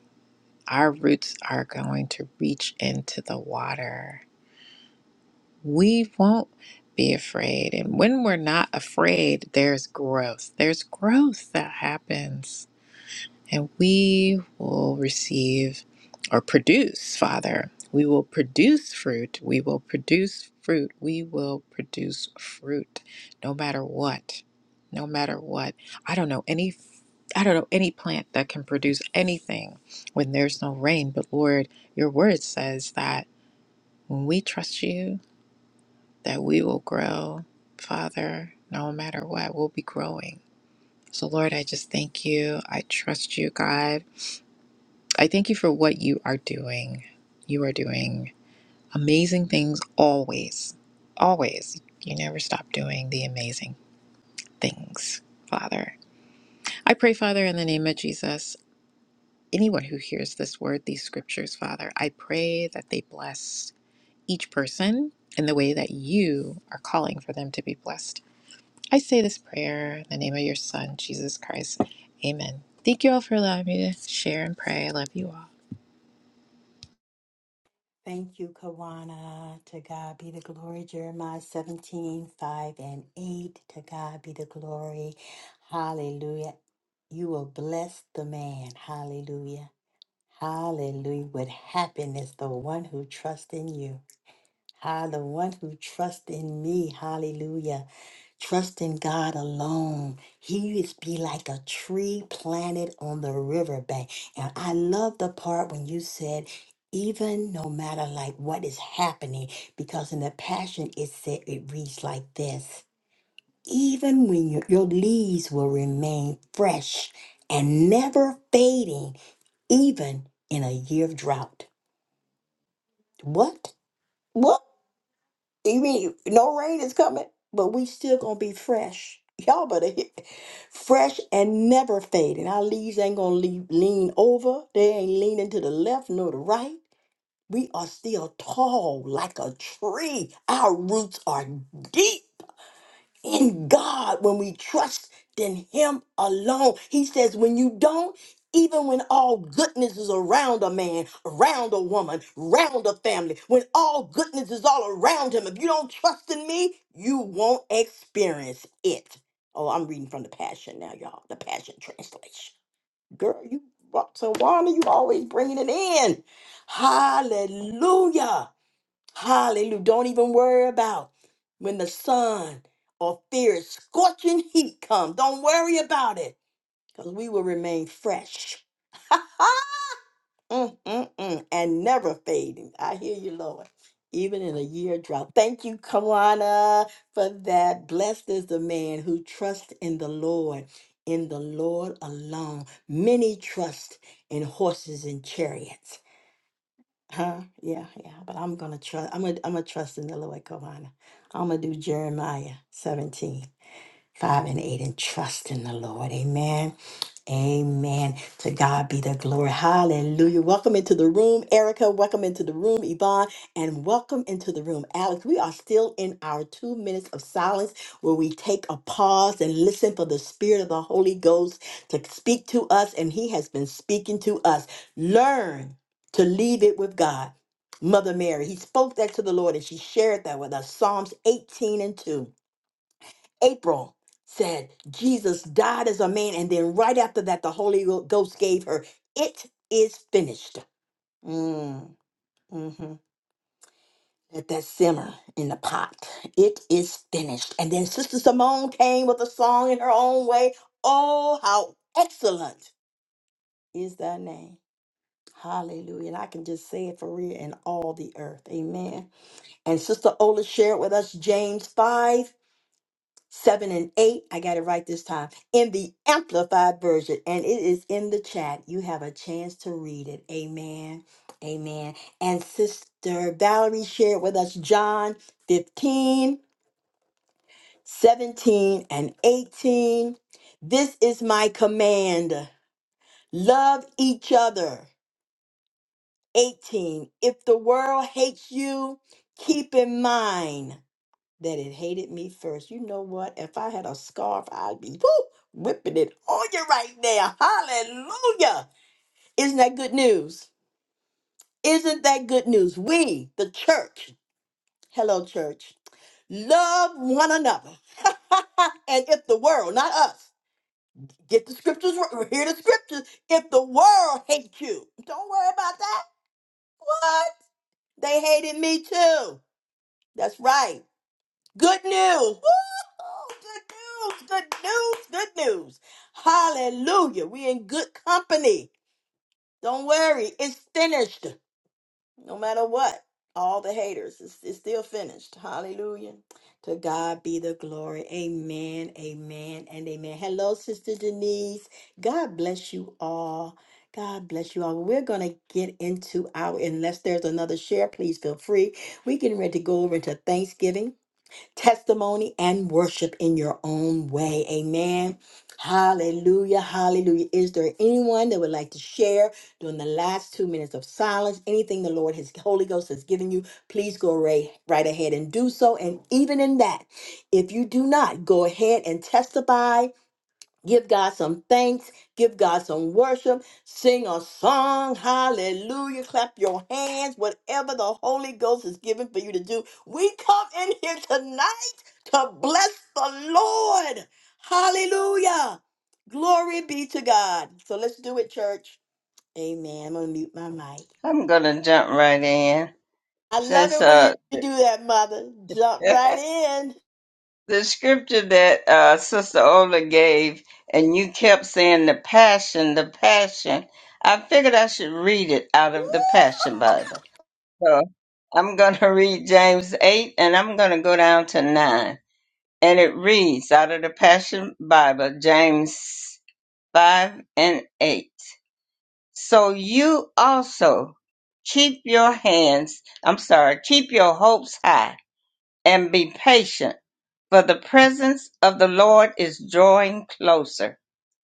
Our roots are going to reach into the water we won't be afraid. And when we're not afraid, there's growth. There's growth that happens. And we will receive or produce, Father. We will produce fruit. We will produce fruit. We will produce fruit no matter what. No matter what. I don't know any. I don't know any plant that can produce anything when there's no rain, but Lord, your word says that when we trust you, that we will grow, Father, no matter what, we'll be growing. So, Lord, I just thank you. I trust you, God. I thank you for what you are doing. You are doing amazing things always. Always. You never stop doing the amazing things, Father. I pray, Father, in the name of Jesus, anyone who hears this word, these scriptures, Father, I pray that they bless each person in the way that you are calling for them to be blessed. I say this prayer in the name of your Son, Jesus Christ. Amen. Thank you all for allowing me to share and pray. I love you all. Thank you, Kawana. To God be the glory. Jeremiah 17 5 and 8. To God be the glory. Hallelujah. You will bless the man. Hallelujah. Hallelujah. With happiness, the one who trusts in you. Ah, the one who trusts in me. Hallelujah. Trust in God alone. He is be like a tree planted on the riverbank. And I love the part when you said, even no matter like what is happening, because in the passion it said it reads like this. Even when your, your leaves will remain fresh and never fading, even in a year of drought. What? What? You mean no rain is coming, but we still gonna be fresh. Y'all better hit fresh and never fading. Our leaves ain't gonna leave, lean over. They ain't leaning to the left nor the right. We are still tall like a tree. Our roots are deep in God, when we trust in Him alone. He says, when you don't, even when all goodness is around a man, around a woman, around a family, when all goodness is all around him, if you don't trust in me, you won't experience it. Oh, I'm reading from the Passion now, y'all. The Passion Translation. Girl, you, Tawana, you always bringing it in. Hallelujah. Hallelujah. Don't even worry about when the sun or fierce scorching heat comes. Don't worry about it because we will remain fresh Mm, mm, mm, and never fading. I hear you, Lord. Even in a year drought. Thank you, Kawana, for that. Blessed is the man who trusts in the Lord, in the Lord alone. Many trust in horses and chariots Huh? Yeah, yeah. But I'm gonna trust. I'm gonna. I'm gonna trust in the Lord, Kawana. I'm gonna do Jeremiah 17 5 and 8, and trust in the Lord. Amen. Amen. To God be the glory. Hallelujah. Welcome into the room, Erica. Welcome into the room, Yvonne. And welcome into the room, Alex. We are still in our two minutes of silence where we take a pause and listen for the Spirit of the Holy Ghost to speak to us. And He has been speaking to us. Learn to leave it with God. Mother Mary, He spoke that to the Lord and she shared that with us. Psalms 18 and 2. April said Jesus died as a man, and then right after that, the Holy Ghost gave her, It is finished. Mm, mhm. Let that simmer in the pot. It is finished. And then Sister Simone came with a song in her own way. Oh, how excellent is thy name. Hallelujah. And I can just say it for real in all the earth. Amen. And Sister Ola shared with us James 5 7 and 8. I got it right this time in the Amplified Version, and it is in the chat. You have a chance to read it. Amen. Amen. And Sister Valerie shared with us John 15, 17, and 18. This is my command love each other. 18. If the world hates you, keep in mind. that it hated me first. You know what? If I had a scarf, I'd be woo, whipping it on you right now. Hallelujah. Isn't that good news? Isn't that good news? We, the church, hello, church, love one another. and if the world, not us, get the scriptures, r- hear the scriptures. If the world hates you, don't worry about that. What? They hated me too. That's right. Good news. Woo! Oh, good news, good news, good news. Hallelujah. we in good company. Don't worry, it's finished. No matter what, all the haters, it's, it's still finished. Hallelujah. To God be the glory. Amen, amen, and amen. Hello, Sister Denise. God bless you all. God bless you all. We're going to get into our, unless there's another share, please feel free. We're getting ready to go over into Thanksgiving testimony and worship in your own way. Amen. Hallelujah. Hallelujah. Is there anyone that would like to share during the last two minutes of silence? Anything the Lord, His Holy Ghost has given you, please go right, right ahead and do so. And even in that, if you do not, go ahead and testify Give God some thanks. Give God some worship. Sing a song. Hallelujah. Clap your hands. Whatever the Holy Ghost is given for you to do. We come in here tonight to bless the Lord. Hallelujah. Glory be to God. So let's do it, church. Amen. I'm going to mute my mic. I'm gonna jump right in. I love Since it when you uh do that, Mother. Jump right in. the scripture that uh, Sister Ola gave, and you kept saying the passion, the passion. I figured I should read it out of the Woo! Passion Bible. So I'm going to read James 8 and I'm going to go down to 9. And it reads out of the Passion Bible, James 5 and 8. So you also keep your hands, I'm sorry, keep your hopes high and be patient, for the presence of the Lord is drawing closer.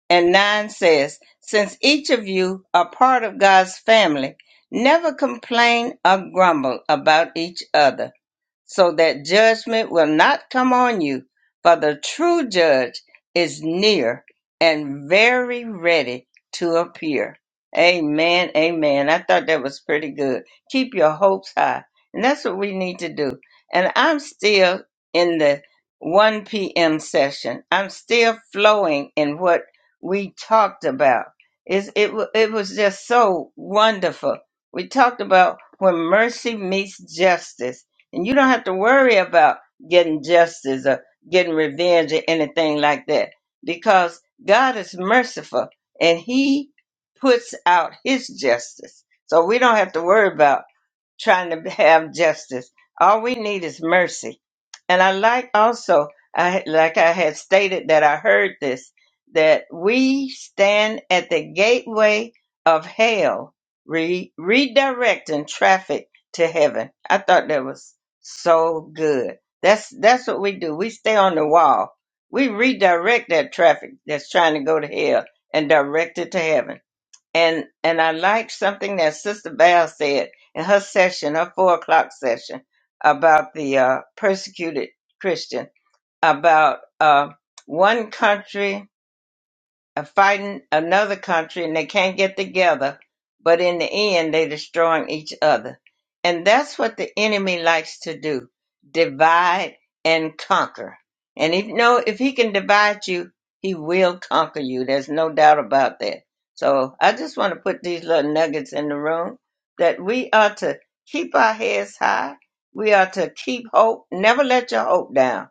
And 9 says, Since each of you are part of God's family, never complain or grumble about each other so that judgment will not come on you. For the true judge is near and very ready to appear. Amen. Amen. I thought that was pretty good. Keep your hopes high. And that's what we need to do. And I'm still in the 1 p.m. session. I'm still flowing in what we talked about. It's, it, wa- it was just so wonderful. We talked about when mercy meets justice and you don't have to worry about getting justice or getting revenge or anything like that because God is merciful and He puts out His justice. So we don't have to worry about trying to have justice. All we need is mercy and I like also, I like I had stated that I heard this that we stand at the gateway of hell, re- redirecting traffic to heaven. I thought that was so good. That's that's what we do. We stay on the wall. We redirect that traffic that's trying to go to hell and direct it to heaven and and I liked something that Sister Val said in her session, her four o'clock session, about the uh, persecuted Christian, about uh, one country are fighting another country and they can't get together, but in the end they're destroying each other. And that's what the enemy likes to do. Divide and conquer. And if no if he can divide you, he will conquer you. There's no doubt about that. So I just want to put these little nuggets in the room that we are to keep our heads high. We are to keep hope. Never let your hope down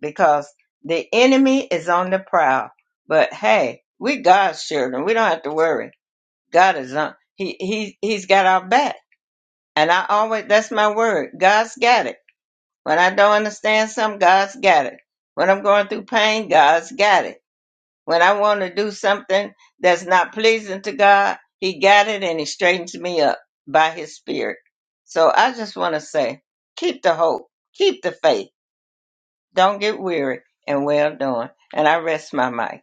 because the enemy is on the prowl. But hey, we God's children. We don't have to worry. God is on. He he he's got our back. And I always that's my word. God's got it. When I don't understand something, God's got it. When I'm going through pain, God's got it. When I want to do something that's not pleasing to God, He got it and He straightens me up by His Spirit. So I just want to say, keep the hope, keep the faith don't get weary and well done. And I rest my mic.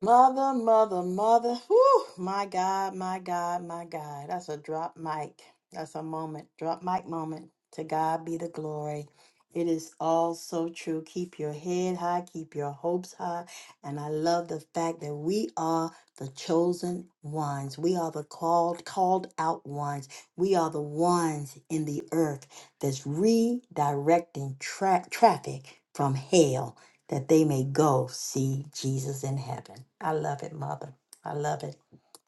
Mother, mother, mother. Whew, my God, my God, my God. That's a drop mic. That's a moment, drop mic moment. To God be the glory. It is all so true. Keep your head high, keep your hopes high. And I love the fact that we are the chosen ones. We are the called, called out ones. We are the ones in the earth that's redirecting tra- traffic from hell that they may go see Jesus in heaven. I love it, Mother. I love it.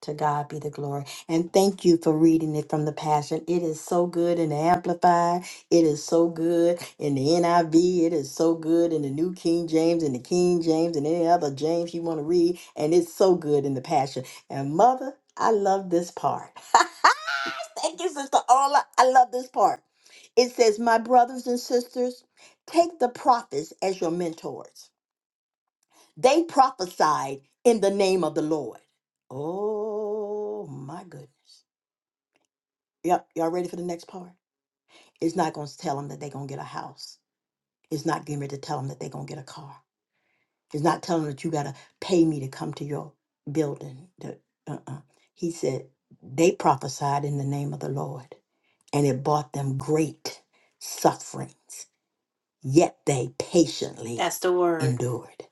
To God be the glory. And thank you for reading it from the Passion. It is so good in the Amplified. It is so good in the NIV. It is so good in the New King James and the King James and any other James you want to read. And it's so good in the Passion. And Mother, I love this part. thank you, Sister Orla. I love this part. It says, My brothers and sisters, Take the prophets as your mentors. They prophesied in the name of the Lord. Oh my goodness. Yep, y'all ready for the next part? It's not going to tell them that they're going to get a house. It's not getting ready to tell them that they're going to get a car. It's not telling them that you got to pay me to come to your building. The- uh-uh. He said, they prophesied in the name of the Lord, and it brought them great sufferings, yet they patiently That's the word. endured.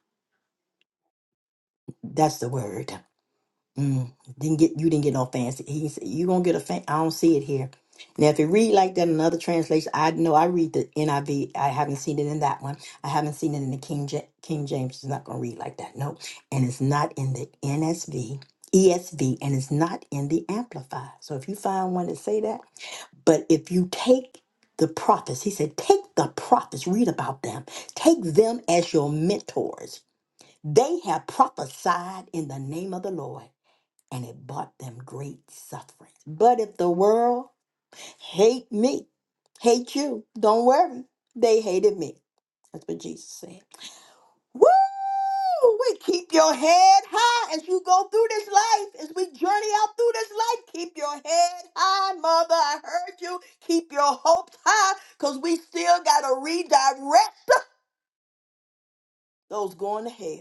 That's the word. Mm, didn't get you didn't get no fancy. He said you gonna get a fan. I don't see it here. Now, if it read like that in another translation, I know I read the NIV. I V. I haven't seen it in that one. I haven't seen it in the King Ja- King James. It's not gonna read like that. No, and it's not in the NSV, ESV, and it's not in the Amplified. So if you find one that say that, but if you take the prophets, he said, take the prophets. Read about them. Take them as your mentors. They have prophesied in the name of the Lord and it bought them great suffering. But if the world hate me, hate you, don't worry. They hated me. That's what Jesus said. Woo! We keep your head high as you go through this life, as we journey out through this life. Keep your head high, mother. I heard you. Keep your hopes high, because we still got to redirect those going to hell.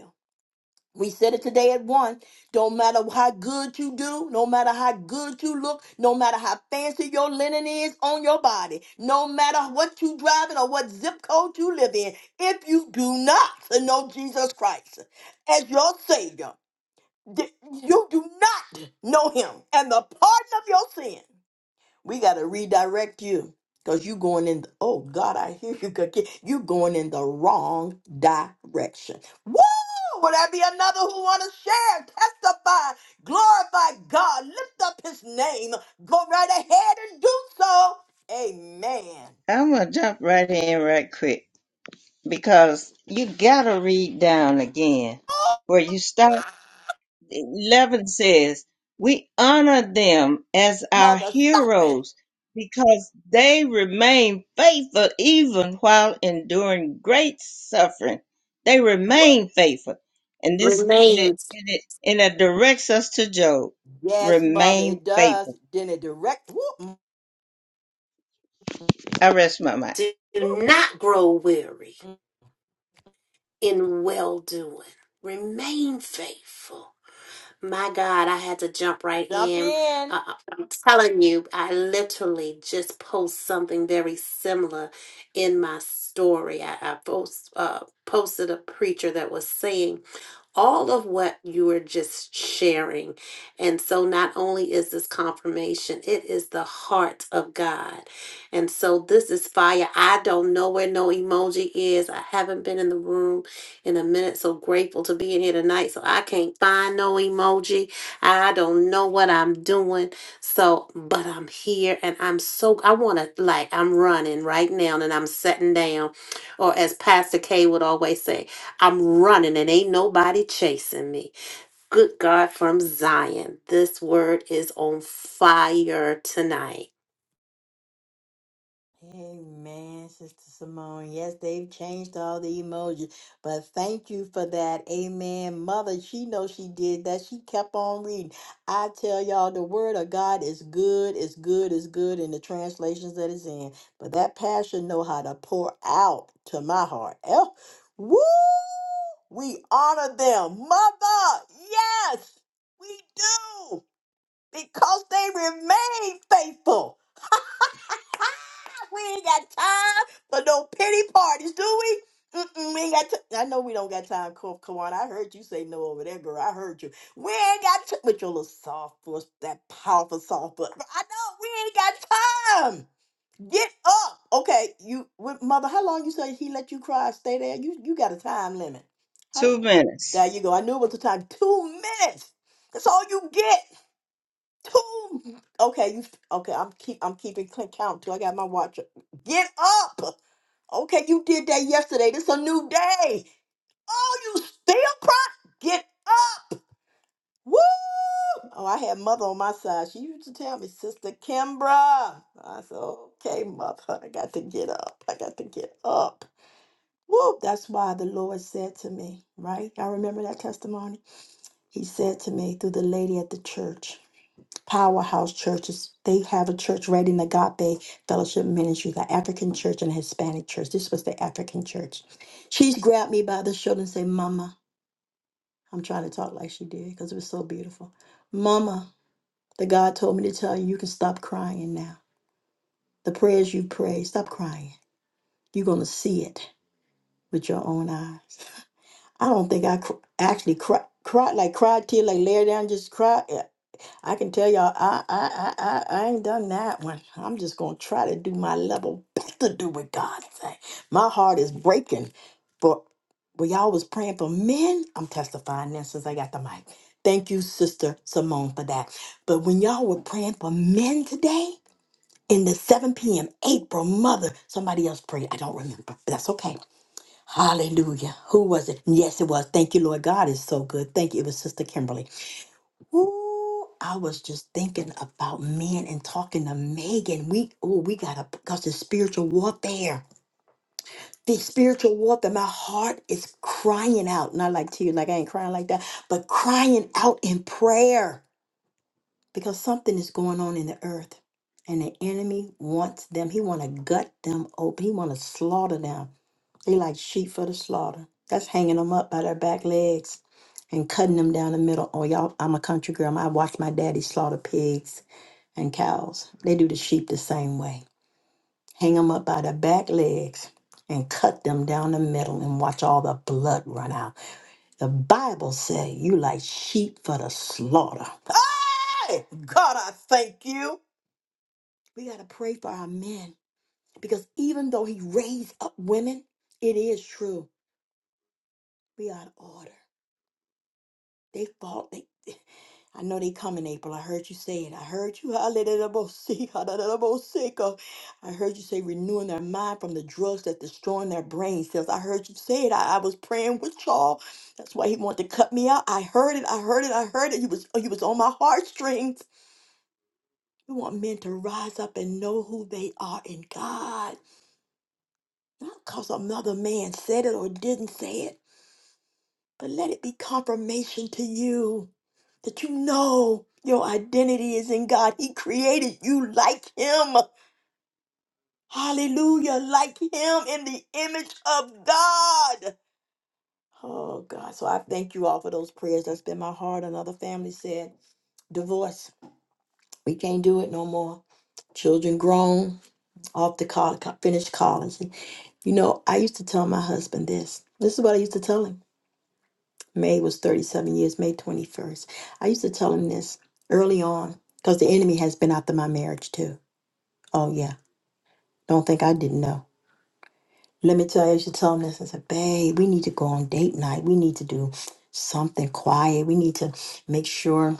We said it today at one. Don't matter how good you do, no matter how good you look, no matter how fancy your linen is on your body, no matter what you driving or what zip code you live in, if you do not know Jesus Christ as your Savior, th- you do not know Him and the pardon of your sin. We got to redirect you because you going in. The, oh God, I hear you. Kaki. You going in the wrong direction. Woo! Will that be another who want to share, testify, glorify God, lift up His name, go right ahead and do so. Amen. I'm gonna jump right in right quick because you gotta read down again where you start. Eleven says, "We honor them as our Mother, stop it. heroes because they remain faithful even while enduring great suffering. They Woo! remain faithful." And this and it Remains. and it, and it directs us to Job. Yes, mother, Remain it does. faithful. Then it direct. Woo! Woo! I rest my mic. Do not grow weary. in well doing. Remain faithful. My God, I had to jump right Jump in. in. Uh, uh, I'm telling you, I literally just post something very similar in my story. I, I post, uh, posted a preacher that was saying all of what you are just sharing. And so, not only is this confirmation, it is the heart of God. And so, this is fire. I don't know where no emoji is. I haven't been in the room in a minute. So grateful to be in here tonight. So, I can't find no emoji. I don't know what I'm doing. So, but I'm here and I'm so, I want to, like, I'm running right now and I'm sitting down. Or, as Pastor K would always say, I'm running and ain't nobody chasing me. Good God from Zion. This word is on fire tonight. Amen, Sister Simone. Yes, they've changed all the emojis, but thank you for that. Amen. Mother, she knows she did that. She kept on reading. I tell y'all, the word of God is good, is good, is good in the translations that it's in. But that passion know how to pour out to my heart. Oh, woo! We honor them. Mother, yes, we do, because they remain faithful. We ain't got time for no pity parties, do we? Mm-mm, we ain't got. time. I know we don't got time, Ka- Kawan. I heard you say no over there, girl. I heard you. We ain't got time with your little soft voice, that powerful soft voice. I know we ain't got time. Get up, okay? You, with mother, how long you say he let you cry? Stay there. You, you got a time limit. How, Two there minutes. you go. I knew it was a time. Two minutes. That's all you get. Two. Okay, you. Okay, I'm keep. I'm keeping cl- count too. I got my watch. Get up. Okay, you did that yesterday. This a new day. Oh, you still pro? Get up. Woo! Oh, I had mother on my side. She used to tell me, Sister Kimbra. I said, Okay, mother, I got to get up. I got to get up. Woo! That's why the Lord said to me, right? I remember that testimony. He said to me through the lady at the church powerhouse churches. They have a church right in Agape Fellowship Ministry, the African church and Hispanic church. This was the African church. She's grabbed me by the shoulder and said, Mama, I'm trying to talk like she did because it was so beautiful. Mama, the God told me to tell you, you can stop crying now. The prayers you prayed, stop crying. You're going to see it with your own eyes. I don't think I cr- actually cried, cried like cried till like laid down, just cried. I can tell y'all, I, I, I, I I ain't done that one. I'm just gonna try to do my level best to do what God say. My heart is breaking, but when y'all was praying for men, I'm testifying now since I got the mic. Thank you, Sister Simone, for that. But when y'all were praying for men today in the 7 p.m. April, Mother, somebody else prayed. I don't remember, but that's okay. Hallelujah. Who was it? Yes, it was. Thank you, Lord. God is so good. Thank you. It was Sister Kimberly. Ooh, I was just thinking about men and talking to Megan. We oh, we gotta because the spiritual warfare. The spiritual warfare. My heart is crying out. Not like tears, like I ain't crying like that, but crying out in prayer. Because something is going on in the earth. And the enemy wants them. He wanna gut them open. He wanna slaughter them. They like sheep for the slaughter. That's hanging them up by their back legs and cutting them down the middle. Oh, y'all, I'm a country girl. I watched my daddy slaughter pigs and cows. They do the sheep the same way. Hang them up by their back legs and cut them down the middle and watch all the blood run out. The Bible says you like sheep for the slaughter. Hey, God, I thank you. We got to pray for our men because even though he raised up women, it is true. We got order. They fought. They, I know they coming, April. I heard you say it. I heard you. Hallelujah. Hallelujah. I heard you say renewing their mind from the drugs that's destroying their brain cells. I heard you say it. I, I was praying with y'all. That's why he wanted to cut me out. I heard it. I heard it. I heard it. He was he was on my heartstrings. We want men to rise up and know who they are in God. Not because another man said it or didn't say it, but let it be confirmation to you. that you know your identity is in God. He created you like Him. Hallelujah. Like Him in the image of God. Oh, God. So I thank you all for those prayers. That's been my heart. Another family said, divorce. We can't do it no more. Children grown, off to college, finished college. And, you know, I used to tell my husband this. This is what I used to tell him. May was 37 years, May 21st. I used to tell him this early on because the enemy has been after my marriage too. Oh, yeah. Don't think I didn't know. Let me tell you, I used to tell him this. I said, babe, we need to go on date night. We need to do something quiet. We need to make sure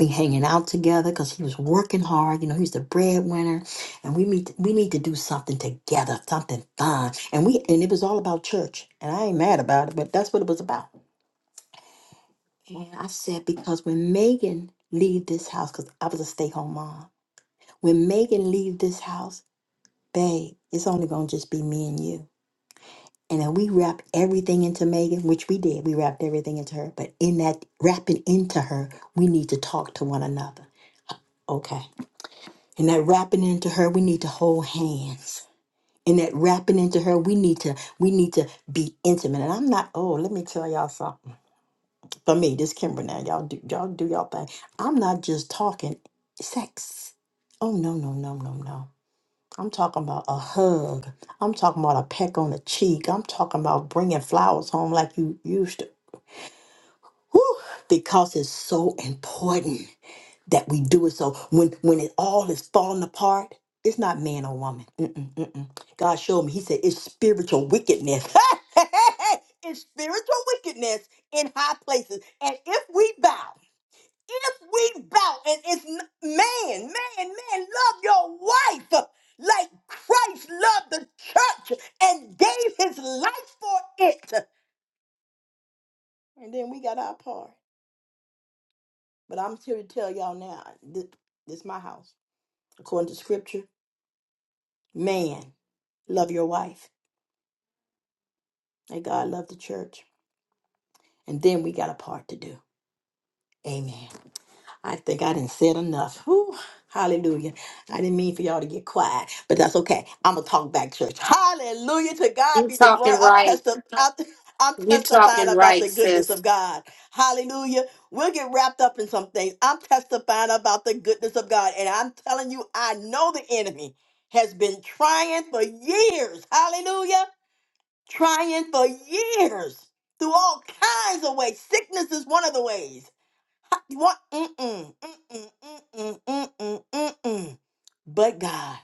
we hanging out together because he was working hard. You know, he's the breadwinner. And we need we need to do something together, something fun. And we and it was all about church. And I ain't mad about it, but that's what it was about. And I said, because when Megan leave this house, because I was a stay-home mom, when Megan leave this house, babe, it's only gonna just be me and you. And then we wrapped everything into Megan, which we did. We wrapped everything into her. But in that wrapping into her, we need to talk to one another. Okay. In that wrapping into her, we need to hold hands. In that wrapping into her, we need to we need to be intimate. And I'm not, oh, let me tell y'all something. for me, this Kimber now, y'all do y'all do y'all thing. I'm not just talking sex. Oh no, no, no, no, no. I'm talking about a hug. I'm talking about a peck on the cheek. I'm talking about bringing flowers home like you used to. Whew, because it's so important that we do it. So when when it all is falling apart, it's not man or woman. Mm-mm, mm-mm. God showed me. He said it's spiritual wickedness. it's spiritual wickedness in high places. And if we bow if we bow and it's n- man, man, man, love your wife uh, like Christ loved the church and gave his life for it. And then we got our part. But I'm here to tell y'all now, this, this is my house. According to scripture, man, love your wife. And God loved the church. And then we got a part to do. Amen. I think I didn't said enough. Whew, hallelujah. I didn't mean for y'all to get quiet, but that's okay. I'm gonna talk back, church. Hallelujah. To God You be the glory. talking I'm right. testifying. I'm I'm You testifying talking about the right, goodness of sis. God. Hallelujah. We'll get wrapped up in some things. I'm testifying about the goodness of God. And I'm telling you, I know the enemy has been trying for years. Hallelujah. Trying for years through all kinds of ways. Sickness is one of the ways. What? Mm-mm, mm-mm, mm-mm, mm-mm, mm-mm. But God.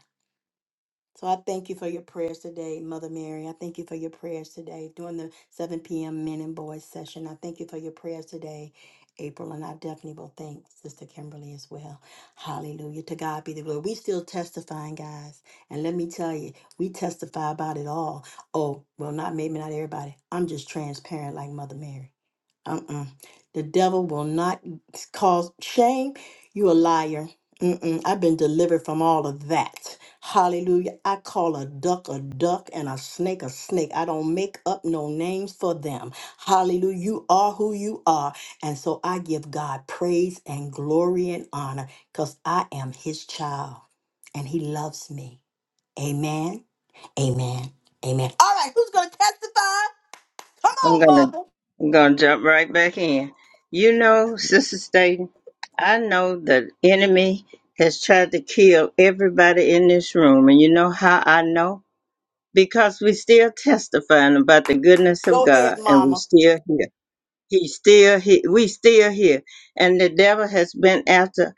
So I thank you for your prayers today, Mother Mary. I thank you for your prayers today during the 7 p.m. Men and Boys session. I thank you for your prayers today, April, and I definitely will thank Sister Kimberly as well. Hallelujah. To God be the glory. We still testifying, guys. And let me tell you, we testify about it all. Oh, well, not maybe not everybody. I'm just transparent like Mother Mary. Uh-uh. The devil will not cause shame. You a liar. Mm-mm. I've been delivered from all of that. Hallelujah. I call a duck a duck and a snake a snake. I don't make up no names for them. Hallelujah. You are who you are. And so I give God praise and glory and honor because I am his child and he loves me. Amen. Amen. Amen. All right. Who's going to testify? Come I'm on, gonna mother. I'm gonna jump right back in. You know, Sister Staten, I know the enemy has tried to kill everybody in this room, and you know how I know? Because we still testifying about the goodness of Go ahead, God, and we mama. still here. He's still here. We still here, and the devil has been after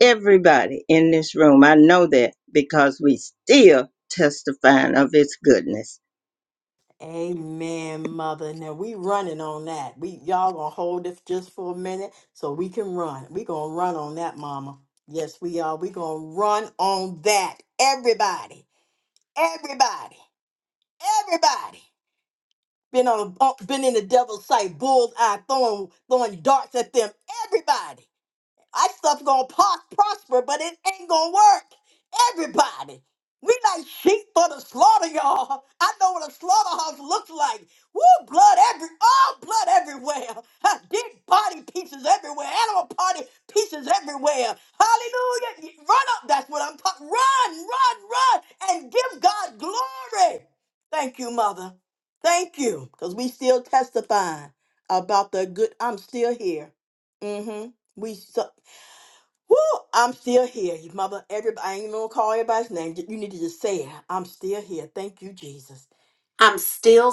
everybody in this room. I know that because we still testifying of His goodness. Amen, mother. Now we running on that. We y'all gonna hold this just for a minute so we can run. We gonna run on that, mama. Yes, we are. We gonna run on that. Everybody, everybody, everybody. Been on, been in the devil's sight, bullseye, throwing, throwing darts at them. Everybody. I stuff gonna pos- prosper, but it ain't gonna work. Everybody, we like sheep for the slaughter, y'all. I know what a slaughterhouse looks like. Woo, blood every, all blood everywhere. Huh, Dead body pieces everywhere. Animal body pieces everywhere. Hallelujah! Run up. That's what I'm talking. Run, run, run, and give God glory. Thank you, Mother. Thank you, because we still testifying about the good. I'm still here. Mm-hmm. We so Woo, I'm still here. You mother, everybody, I ain't even gonna call everybody's name. You need to just say it. I'm still here. Thank you, Jesus. I'm still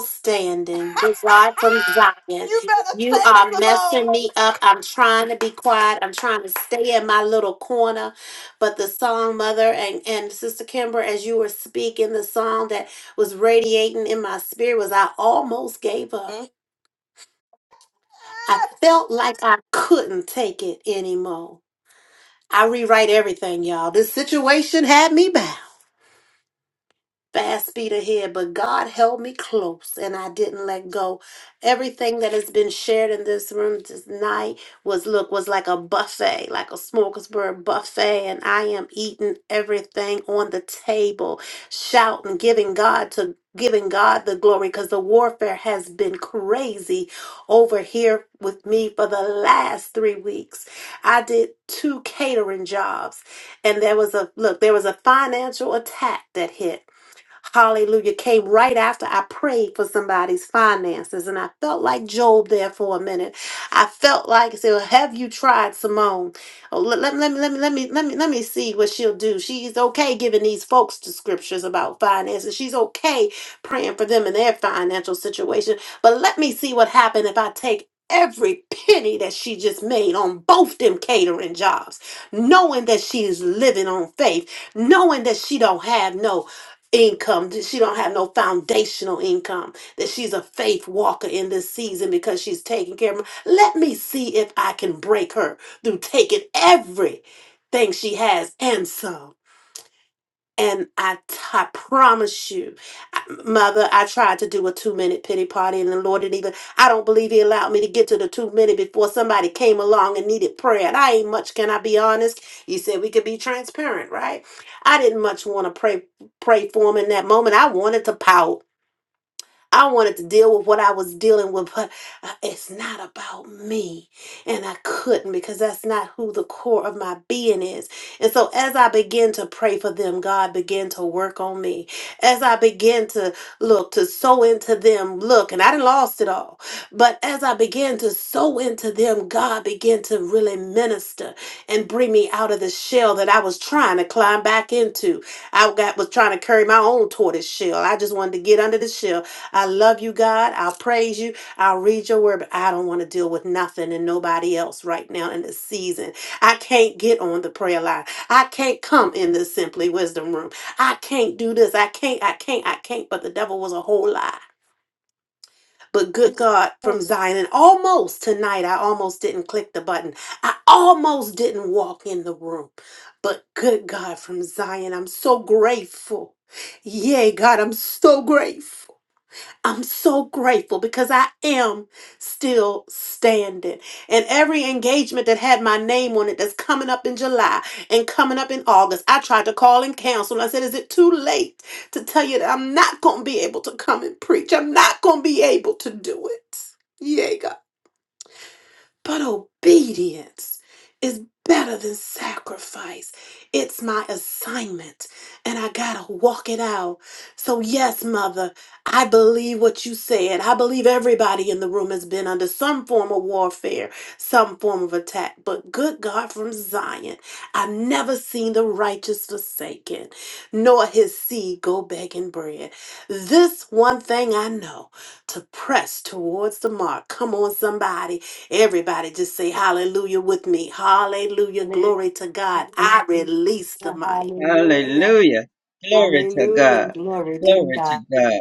standing. Good God from Zion. you better You say it, are messing Simone. me up. I'm trying to be quiet. I'm trying to stay in my little corner. But the song, Mother and, and Sister Kimber, as you were speaking, the song that was radiating in my spirit was I almost gave up. I felt like I couldn't take it anymore. I rewrite everything, y'all. This situation had me back fast speed ahead, but God held me close and I didn't let go. Everything that has been shared in this room tonight was look was like a buffet, like a smorgasbord buffet, and I am eating everything on the table, shouting, giving God to giving God the glory because the warfare has been crazy over here with me for the last three weeks. I did two catering jobs and there was a look, there was a financial attack that hit hallelujah, came right after I prayed for somebody's finances. And I felt like Job there for a minute. I felt like I said, "Well, have you tried Simone? Oh, let, let, let me let me let me let me let me see what she'll do. She's okay giving these folks the scriptures about finances. She's okay praying for them in their financial situation. But let me see what happened if I take every penny that she just made on both them catering jobs, knowing that she's living on faith, knowing that she don't have no income that she don't have no foundational income that she's a faith walker in this season because she's taking care of let me see if i can break her through taking everything she has and some and I, t- I promise you, I- Mother, I tried to do a two minute pity party, and the Lord didn't even. I don't believe He allowed me to get to the two minute before somebody came along and needed prayer. And I ain't much, can I be honest? You said we could be transparent, right? I didn't much want to pray pray for him in that moment. I wanted to pout. I wanted to deal with what I was dealing with, but uh, it's not about me. And I couldn't because that's not who the core of my being is. And so as I began to pray for them, God began to work on me. As I began to look, to sow into them, look, and I did lost it all. But as I began to sow into them, God began to really minister and bring me out of the shell that I was trying to climb back into. I got was trying to carry my own tortoise shell. I just wanted to get under the shell I love you, God. I'll praise you. I'll read your word, but I don't want to deal with nothing and nobody else right now in this season. I can't get on the prayer line. I can't come in the Simply Wisdom room. I can't do this. I can't, I can't, I can't. But the devil was a whole lie. But good God from Zion, and almost tonight, I almost didn't click the button. I almost didn't walk in the room. But good God from Zion, I'm so grateful. Yay, God, I'm so grateful. I'm so grateful because I am still standing. And every engagement that had my name on it that's coming up in July and coming up in August, I tried to call and counsel. I said, Is it too late to tell you that I'm not going to be able to come and preach? I'm not going to be able to do it. But obedience is better than sacrifice. It's my assignment, and I gotta walk it out. So, yes, Mother, I believe what you said. I believe everybody in the room has been under some form of warfare, some form of attack. But good God from Zion, I've never seen the righteous forsaken, nor his seed go begging bread. This one thing I know to press towards the mark. Come on, somebody Everybody just say hallelujah with me. Hallelujah. Mm. Glory to God. I release the mic Hallelujah. Hallelujah. Glory to Hallelujah. God. Glory to Glory God. to God.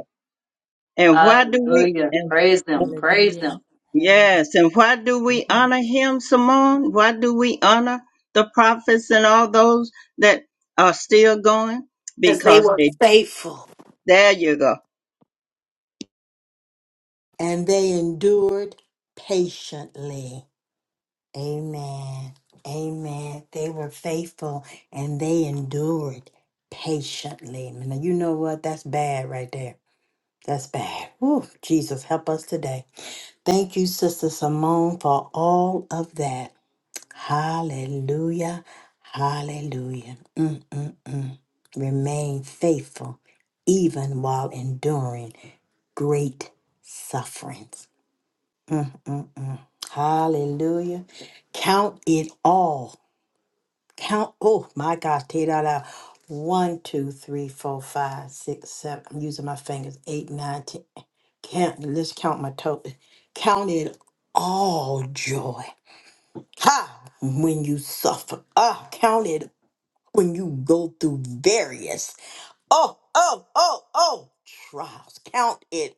And why do we Hallelujah. and Praise them. Praise them. Hallelujah. Hallelujah. yes, and why do we Glory. honor him, Simone? Why do we honor the prophets and all those that are still going? because they Because were they faithful. there you go. And they endured patiently. Amen. Amen. They were faithful and they endured patiently. Now, you know what? That's bad right there. That's bad. Whew, Jesus, help us today. Thank you, Sister Simone, for all of that. Hallelujah. Hallelujah. Mm-mm-mm. Remain faithful even while enduring great sufferings. Mm-mm-mm. Hallelujah. Count it all. Count, oh my gosh, take that out. One, two, three, four, five, six, seven. I'm using my fingers. Eight, nine, ten. Count, let's count my toe. Count it all joy. Ha! When you suffer. Ah, count it when you go through various. Oh, oh, oh, oh. Trials. Count it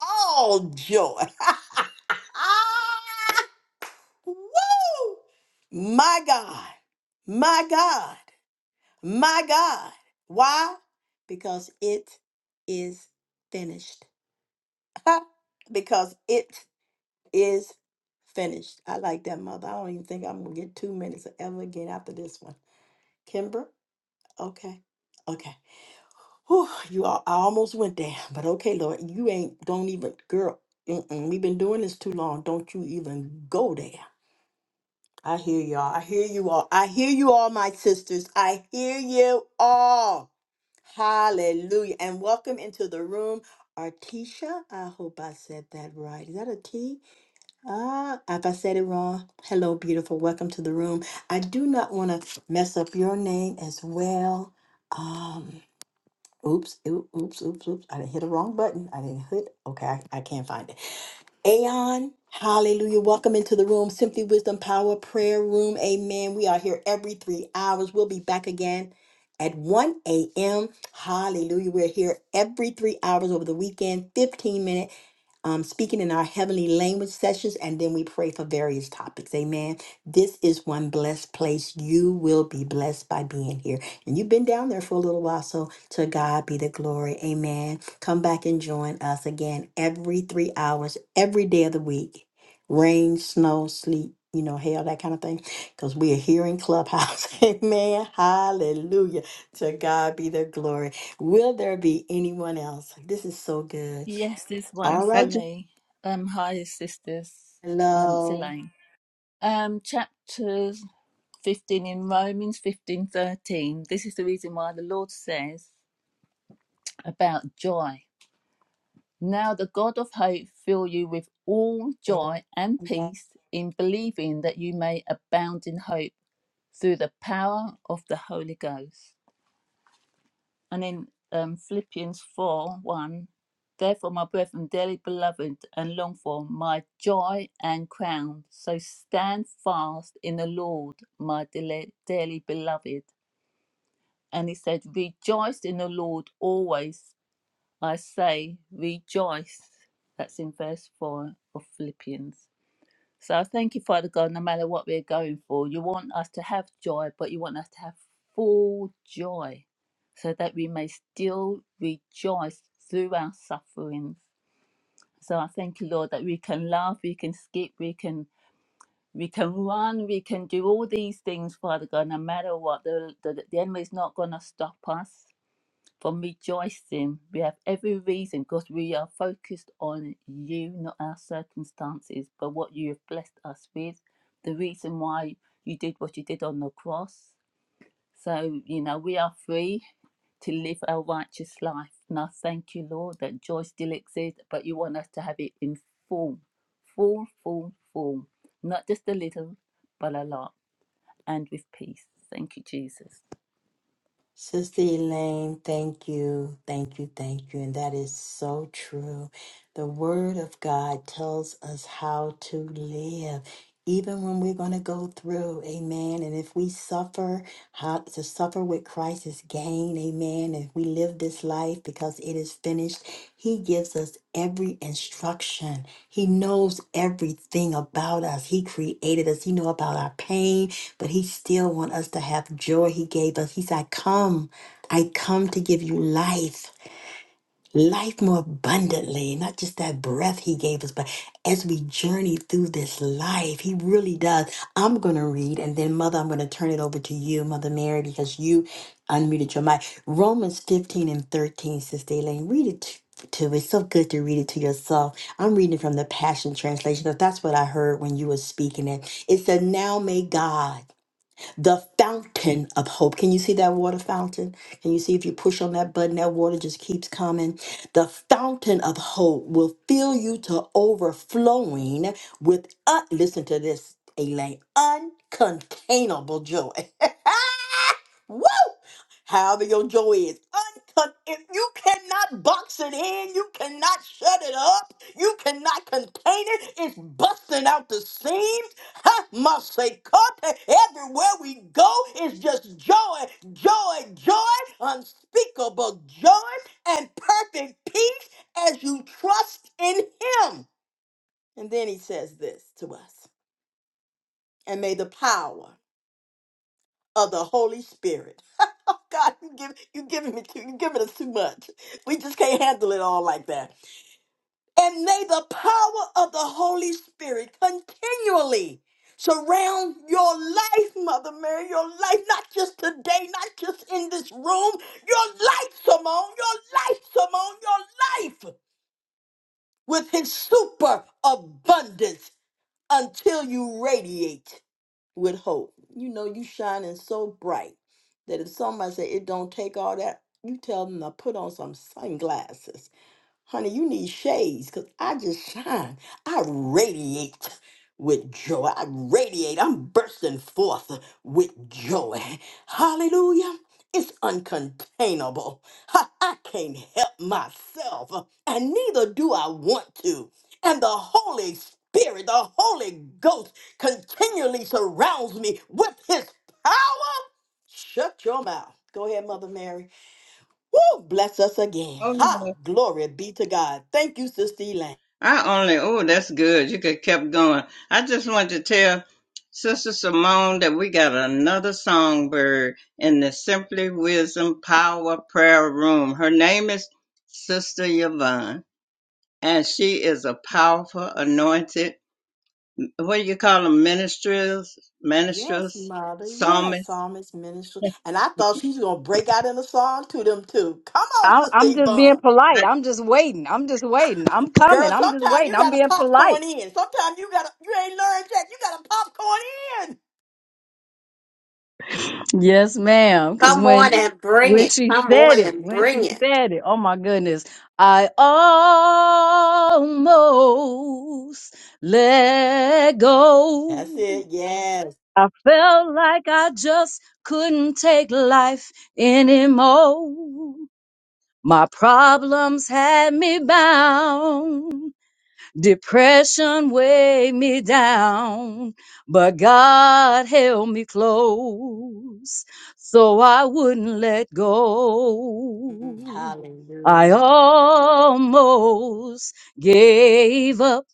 all joy. Woo! My God. My God. My God. Why? Because it is finished. because it is finished. I like that, mother. I don't even think I'm gonna get two minutes ever again after this one. Kimber, okay, okay. Whew, you all, I almost went there, but okay, Lord, you ain't don't even, girl. Mm-mm, we've been doing this too long. Don't you even go there. I hear y'all. I hear you all. I hear you all, my sisters. I hear you all. Hallelujah. And welcome into the room, Artisha. I hope I said that right. Is that a T? Ah, if I said it wrong, hello, beautiful. Welcome to the room. I do not want to mess up your name as well. Um, oops, oo- oops, oops, oops. I didn't hit the wrong button. I didn't hit. Okay, I, I can't find it. Aeon, hallelujah. Welcome into the room. Simply Wisdom Power Prayer Room. Amen. We are here every three hours. We'll be back again at 1 a.m. Hallelujah. We're here every three hours over the weekend, 15 minutes um, speaking in our heavenly language sessions, and then we pray for various topics. Amen. This is one blessed place. You will be blessed by being here. And you've been down there for a little while, so to God be the glory. Amen. Come back and join us again every three hours, every day of the week rain, snow, sleet. You know, hell, that kind of thing, because we are here in Clubhouse. Amen. Hallelujah. To God be the glory. Will there be anyone else? This is so good. Yes, there's I, one All for I right. just me. Um, hi, sisters. Um, it's Hello. Elaine. Um, chapter 15 in Romans 15:13. This is the reason why the Lord says about joy. Now the God of hope fill you with all Yeah. joy and Yeah. peace in believing that you may abound in hope through the power of the Holy Ghost. and in um, Philippians 4 1, therefore, my brethren, dearly beloved and long for, my joy and crown. So stand fast in the Lord, my dele- dearly beloved. And he said, Rejoice in the Lord always. I say, rejoice. That's in verse 4 of Philippians. So I thank you, Father God, no matter what we're going for, you want us to have joy, but you want us to have full joy so that we may still rejoice through our sufferings. So I thank you, Lord, that we can laugh, we can skip, we can we can run, we can do all these things, Father God, no matter what. The, the, the enemy's not going to stop us from rejoicing. We have every reason because we are focused on you, not our circumstances, but what you have blessed us with, the reason why you did what you did on the cross. So, you know, we are free to live our righteous life. And I thank you, Lord, that joy still exists, but you want us to have it in full, full, full, full, not just a little, but a lot, and with peace. Thank you, Jesus. Sister Elaine, thank you, thank you, thank you. And that is so true. The Word of God tells us how to live, even when we're going to go through. Amen. And if we suffer, how to suffer with Christ is gain. Amen. If we live this life because it is finished, He gives us every instruction. He knows everything about us. He created us. He know about our pain. but he still want us to have joy he gave us. He said, I come, I come to give you life, life more abundantly, not just that breath he gave us, but as we journey through this life, he really does. I'm going to read, and then Mother, I'm going to turn it over to you, Mother Mary, because you unmuted your mic. Romans 15 and 13, Sister Elaine, read it to to- It's so good to read it to yourself. I'm reading from the Passion Translation because that's what I heard when you were speaking it. It said, Now may God the fountain of hope. Can you see that water fountain? Can you see if you push on that button, that water just keeps coming? The fountain of hope will fill you to overflowing with, uh, listen to this, Elaine, uncontainable joy. Woo! However your joy is, uncon- if you cannot box it in, you cannot shut it up, you cannot contain it, it's busting out the seam, must say cut everywhere we go is just joy joy joy unspeakable joy and perfect peace as you trust in him and then he says this to us and may the power of the holy spirit oh god you give you giving me too you giving us too much we just can't handle it all like that And may the power of the Holy Spirit continually surround your life, Mother Mary, your life, not just today, not just in this room, your life, Simone, your life, Simone, your life with his super abundance until you radiate with hope. You know, you shining so bright that if somebody say it don't take all that, you tell them to put on some sunglasses Honey, you need shades because I just shine. I radiate with joy. I radiate. I'm bursting forth with joy. Hallelujah. It's uncontainable. Ha, I can't help myself, and neither do I want to. And the Holy Spirit, the Holy Ghost, continually surrounds me with his power. Shut your mouth. Go ahead, Mother Mary. Woo! Bless us again. oh, Ha! Glory be to God. Thank you, Sister Elaine. I only, oh, that's good. You could have kept going. I just wanted to tell Sister Simone that we got another songbird in the Simply Wisdom Power Prayer Room. Her name is Sister Yvonne, and she is a powerful, anointed, what do you call them, ministers, Yes, ministers, Mother. Yes, psalmists. Psalmist Minister. And I thought she's gonna break out in a song to them too. Come on, I, Sister I'm just being Yvonne. polite. I'm just waiting. I'm just waiting. I'm coming. Girl, I'm just sometimes waiting. you I'm gotta being popcorn polite. in. Sometimes you gotta you ain't learned yet. You gotta popcorn in. Yes, ma'am. Because Come when on and bring when it. she Come said on it, and when bring she it. said it, oh my goodness, I almost let That's it. go. Yes. I felt like I just couldn't take life anymore. My problems had me bound. Depression weighed me down, but God held me close, so I wouldn't let Mm, go. I Hallelujah. almost gave up.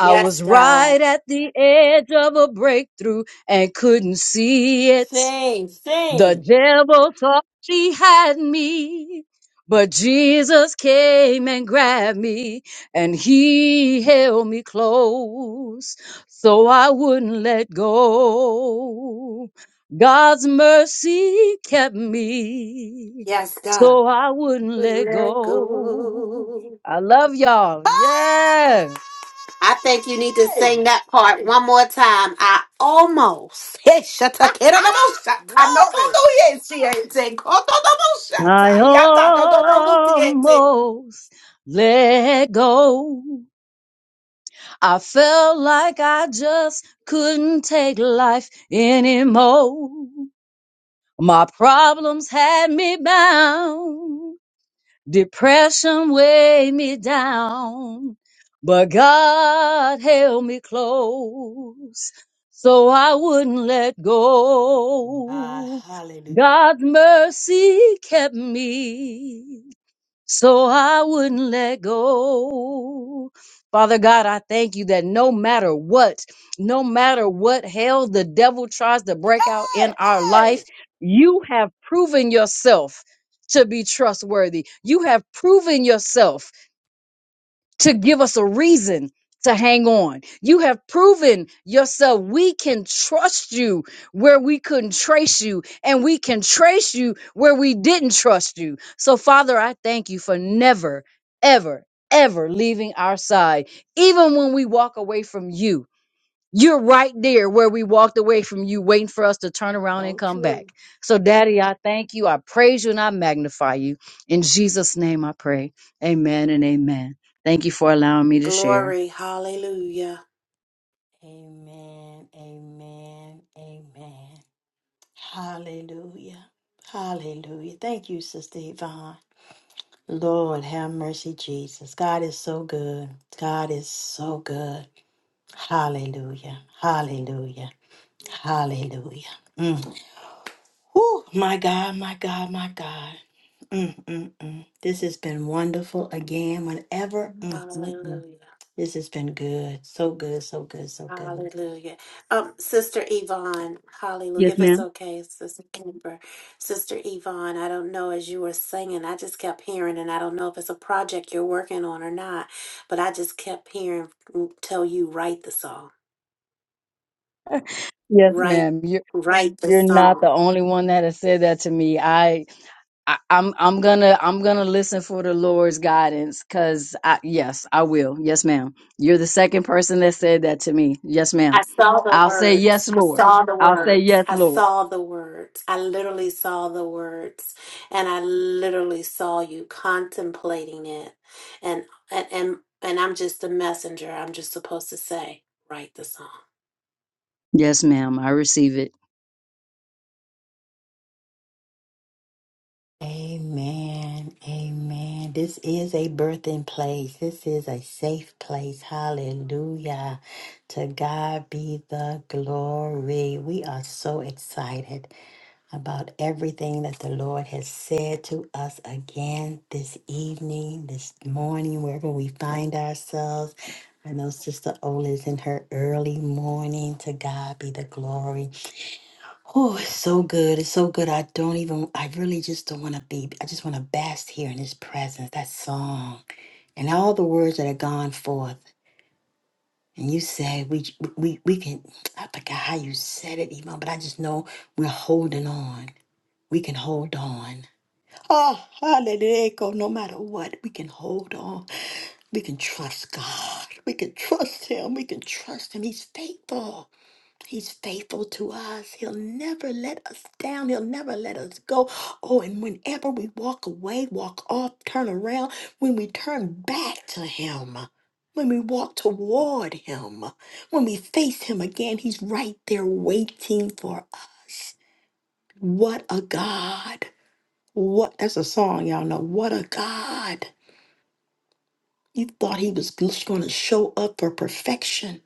I was God. right at the edge of a breakthrough and couldn't see it. Sing, The sing. devil thought she had me, but Jesus came and grabbed me and he held me close so I wouldn't let go. God's mercy kept me Yes, God. so I wouldn't Good let let go. go. I love y'all. Yeah. I think you need to Hey! sing that part one more time. I almost. Hey, shut up, kid, on the most shut up. No, no, Glory. no, yes, she ain't saying. Oh, no, no, no, shut I up. Yeah, no, no, no, no, yes, she ain't saying. almost let go. I felt like I just couldn't take life anymore. My problems had me bound. Depression weighed me down. But God held me close so I wouldn't let Ah, go. hallelujah. God's mercy kept me so I wouldn't let go. Father God, I thank you that no matter what, no matter what hell the devil tries to break out Hey, in our life, hey. you have proven yourself to be trustworthy. You have proven yourself to give us a reason to hang on. You have proven yourself. We can trust you where we couldn't trace you, and we can trace you where we didn't trust you. So, Father, I thank you for never, ever, ever leaving our side, even when we walk away from you. You're right there where we walked away from you, waiting for us to turn around and So come true. back. So, Daddy, I thank you. I praise you and I magnify you. In Jesus' name I pray. Amen and amen. Thank you for allowing me to share. Glory. Hallelujah. Amen. Amen. Amen. Hallelujah. Hallelujah. Thank you, Sister Yvonne. Lord, have mercy, Jesus. God is so good. God is so good. Hallelujah. Hallelujah. Hallelujah. Mm. Whew, my God, my God, my God. Mm, mm, mm. This has been wonderful again. Whenever mm, mm, mm. Hallelujah. this has been good, so good, so good, so good. Hallelujah. Um, Sister Yvonne, hallelujah. Yes, If it's ma'am. okay, Sister Amber, Sister Yvonne, I don't know as you were singing, I just kept hearing, and I don't know if it's a project you're working on or not, but I just kept hearing mm, tell you write the song. Yes, Write ma'am. You're write the you're not the song. only one that has said that to me. I, I I'm I'm gonna I'm gonna listen for the Lord's guidance because I yes, I will. Yes, ma'am. You're the second person that said that to me. Yes, ma'am. I saw the I'll say words. yes, I Lord. saw the I'll say words. yes, I Lord. saw the words. I literally saw the words. And I literally saw you contemplating it. And and and, and I'm just a messenger. I'm just supposed to say, write the song. Yes, ma'am. I receive it. Amen. Amen. This is a birthing place. This is a safe place. Hallelujah. To God be the glory. We are so excited about everything that the Lord has said to us again this evening, this morning, wherever we find ourselves. I know Sister Ola is in her early morning. To God be the glory. Oh, it's so good. It's so good. I don't even, I really just don't want to be, I just want to bask here in his presence, that song, and all the words that have gone forth. And you say, we, we, we can, I forgot how you said it, even, but I just know we're holding on. We can hold on. Oh, hallelujah. No matter what, we can hold on. We can trust God. We can trust Him. We can trust Him. He's faithful. He's faithful to us. He'll never let us down. He'll never let us go. Oh, and whenever we walk away, walk off, turn around, when we turn back to Him, when we walk toward Him, when we face Him again, He's right there waiting for us. What a God. What, that's a song, y'all know. What a God. You thought He was going to show up for perfection,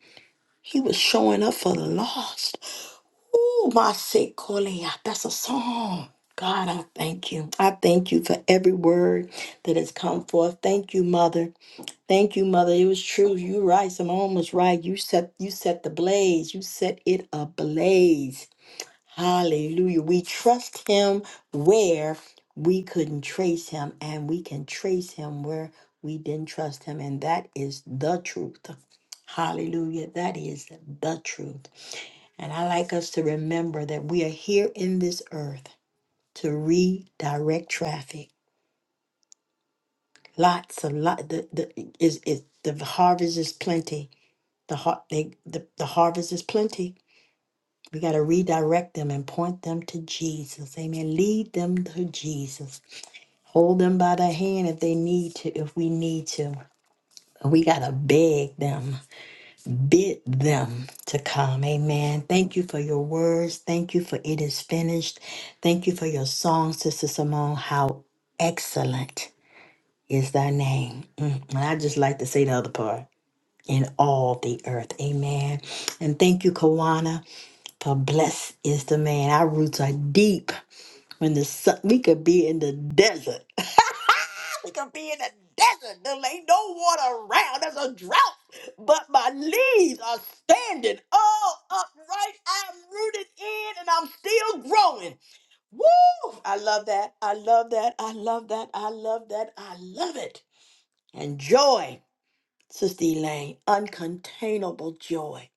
He was showing up for the lost. Ooh, my Sequoia. That's a song. God, I thank you. I thank you for every word that has come forth. Thank you, Mother. Thank you, Mother. It was true. You right. Simone was right. You set you set the blaze. You set it ablaze. Hallelujah. We trust him where we couldn't trace him, and we can trace him where we didn't trust him. And that is the truth. Hallelujah. That is the truth. And I like us to remember that we are here in this earth to redirect traffic. Lots of lot the, the is is the harvest is plenty. The har they the, the harvest is plenty. We got to redirect them and point them to Jesus. Amen. Lead them to Jesus. Hold them by the hand if they need to, if we need to. We got to beg them. bid them to come. Amen. Thank you for your words. Thank you for it is finished. Thank you for your song, Sister Simone. How excellent is thy name. Mm, And I just like to say the other part. In all the earth. Amen. And thank you, Kawana, for blessed is the man. Our roots are deep. When the sun, we could be in the desert. We could be in the desert. There ain't no water around. There's a drought. But my leaves are standing all upright. I'm rooted in and I'm still growing. Woo! I love that. I love that. I love that. I love that. I love it. And joy, Sister Elaine, uncontainable joy.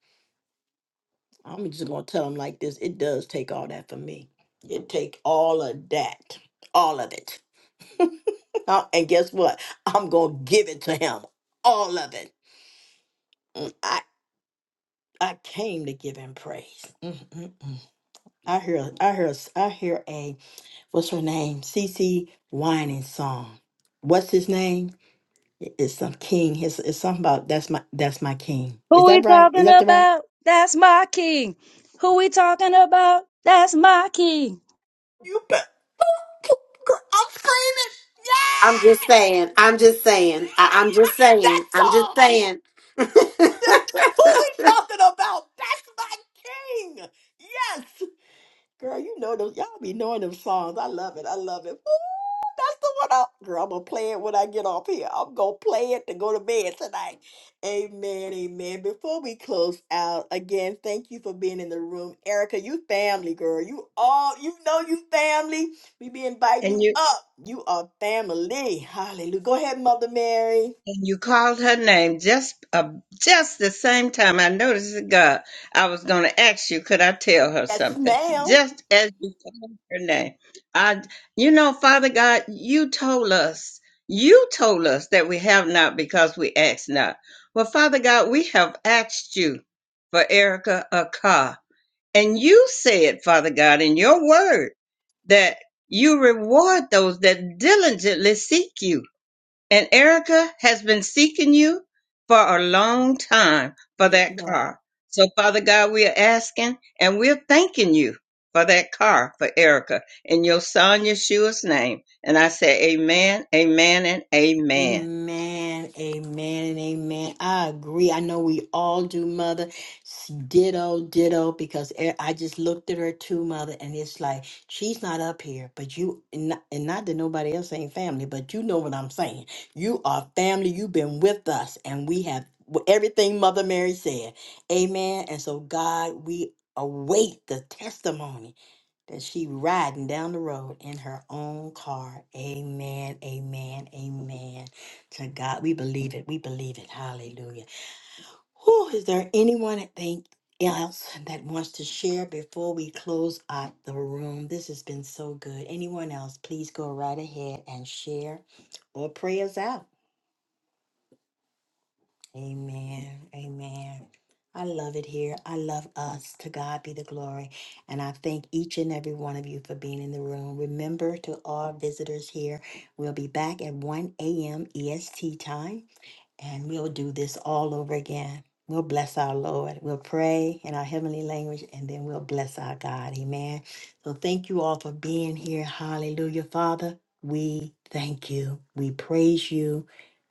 I'm just gonna tell them like this. It does take all that for me. It take all of that. All of it. Uh, and guess what? I'm going to give it to him. All of it. Mm, I, I came to give him praise. Mm, mm, mm. I hear, I hear, I hear a, what's her name? CC whining song. What's his name? It- It's some king. It's, it's something about, that's my, that's my king. Is Who that we right? Is talking that the right? about? That's my king. Who we talking about? That's my king. You bet. I'm screaming. I'm just Yes! saying. I'm just saying. I, I'm just that saying. I'm just song. saying. Who we talking about? That's my king. Yes. Girl, you know those. Y'all be knowing them songs. I love it. I love it. Ooh, that's the one. I, girl, I'm gonna play it when I get off here. I'm gonna play it to go to bed tonight. Amen. Amen. Before we close out, again, thank you for being in the room, Erica. You family, girl. You all. You know you family. We be inviting you up. You are family. Hallelujah. Go ahead, Mother Mary. and you called her name just uh, just the same time I noticed it, God. I was going to ask you, could I tell her Yes, something? ma'am. Just as you called her name, I, you know, Father God, you told us, you told us that we have not because we ask not. Well, Father God, we have asked you for Erica a car, and you said, Father God, in your word that you reward those that diligently seek you. And Erica has been seeking you for a long time for Yes. that car. So, Father God, we are asking and we're thanking you for that car for Erica in your son Yeshua's name. And I say, Amen, Amen, and Amen. Amen, amen, and amen. I agree. I know we all do, Mother. S- Ditto, ditto, because e- I just looked at her too, Mother, and it's like she's not up here, but you, and not, and not that nobody else ain't family, but you know what I'm saying. You are family. You've been with us, and we have w- everything Mother Mary said. Amen. And so, God, we await the testimony that she riding down the road in her own car. Amen, amen, amen. To God, we believe it. We believe it. Hallelujah. Who is there anyone that think else that wants to share before we close out the room? This has been so good. Anyone else, please go right ahead and share or pray us out. Amen. Amen. I love it here. I love us. To God be the glory. And I thank each and every one of you for being in the room. Remember to all visitors here, we'll be back at 1 a.m. EST time. And we'll do this all over again. We'll bless our Lord. We'll pray in our heavenly language and then we'll bless our God. Amen. So thank you all for being here. Hallelujah. Father, we thank you. We praise you.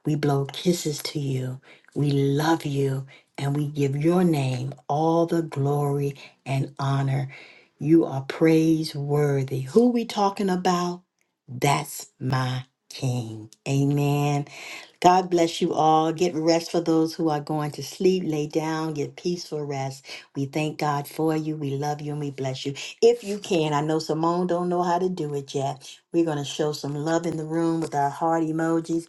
We blow kisses to you. We love you. And we give your name all the glory and honor. You are praiseworthy. Who we talking about? That's my King. Amen. God bless you all. Get rest for those who are going to sleep. Lay down, get peaceful rest. We thank God for you. We love you and we bless you. If you can, I know Simone don't know how to do it yet. We're going to show some love in the room with our heart emojis.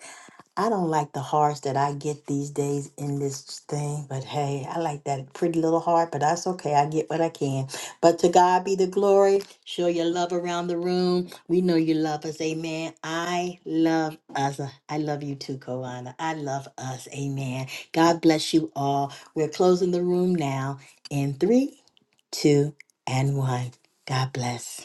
I don't like the hearts that I get these days in this thing, but hey, I like that pretty little heart, but that's okay. I get what I can. But to God be the glory. Show your love around the room. We know you love us. Amen. I love us. I love you too, Koana. I love us. Amen. God bless you all. We're closing the room now in three, two, and one. God bless.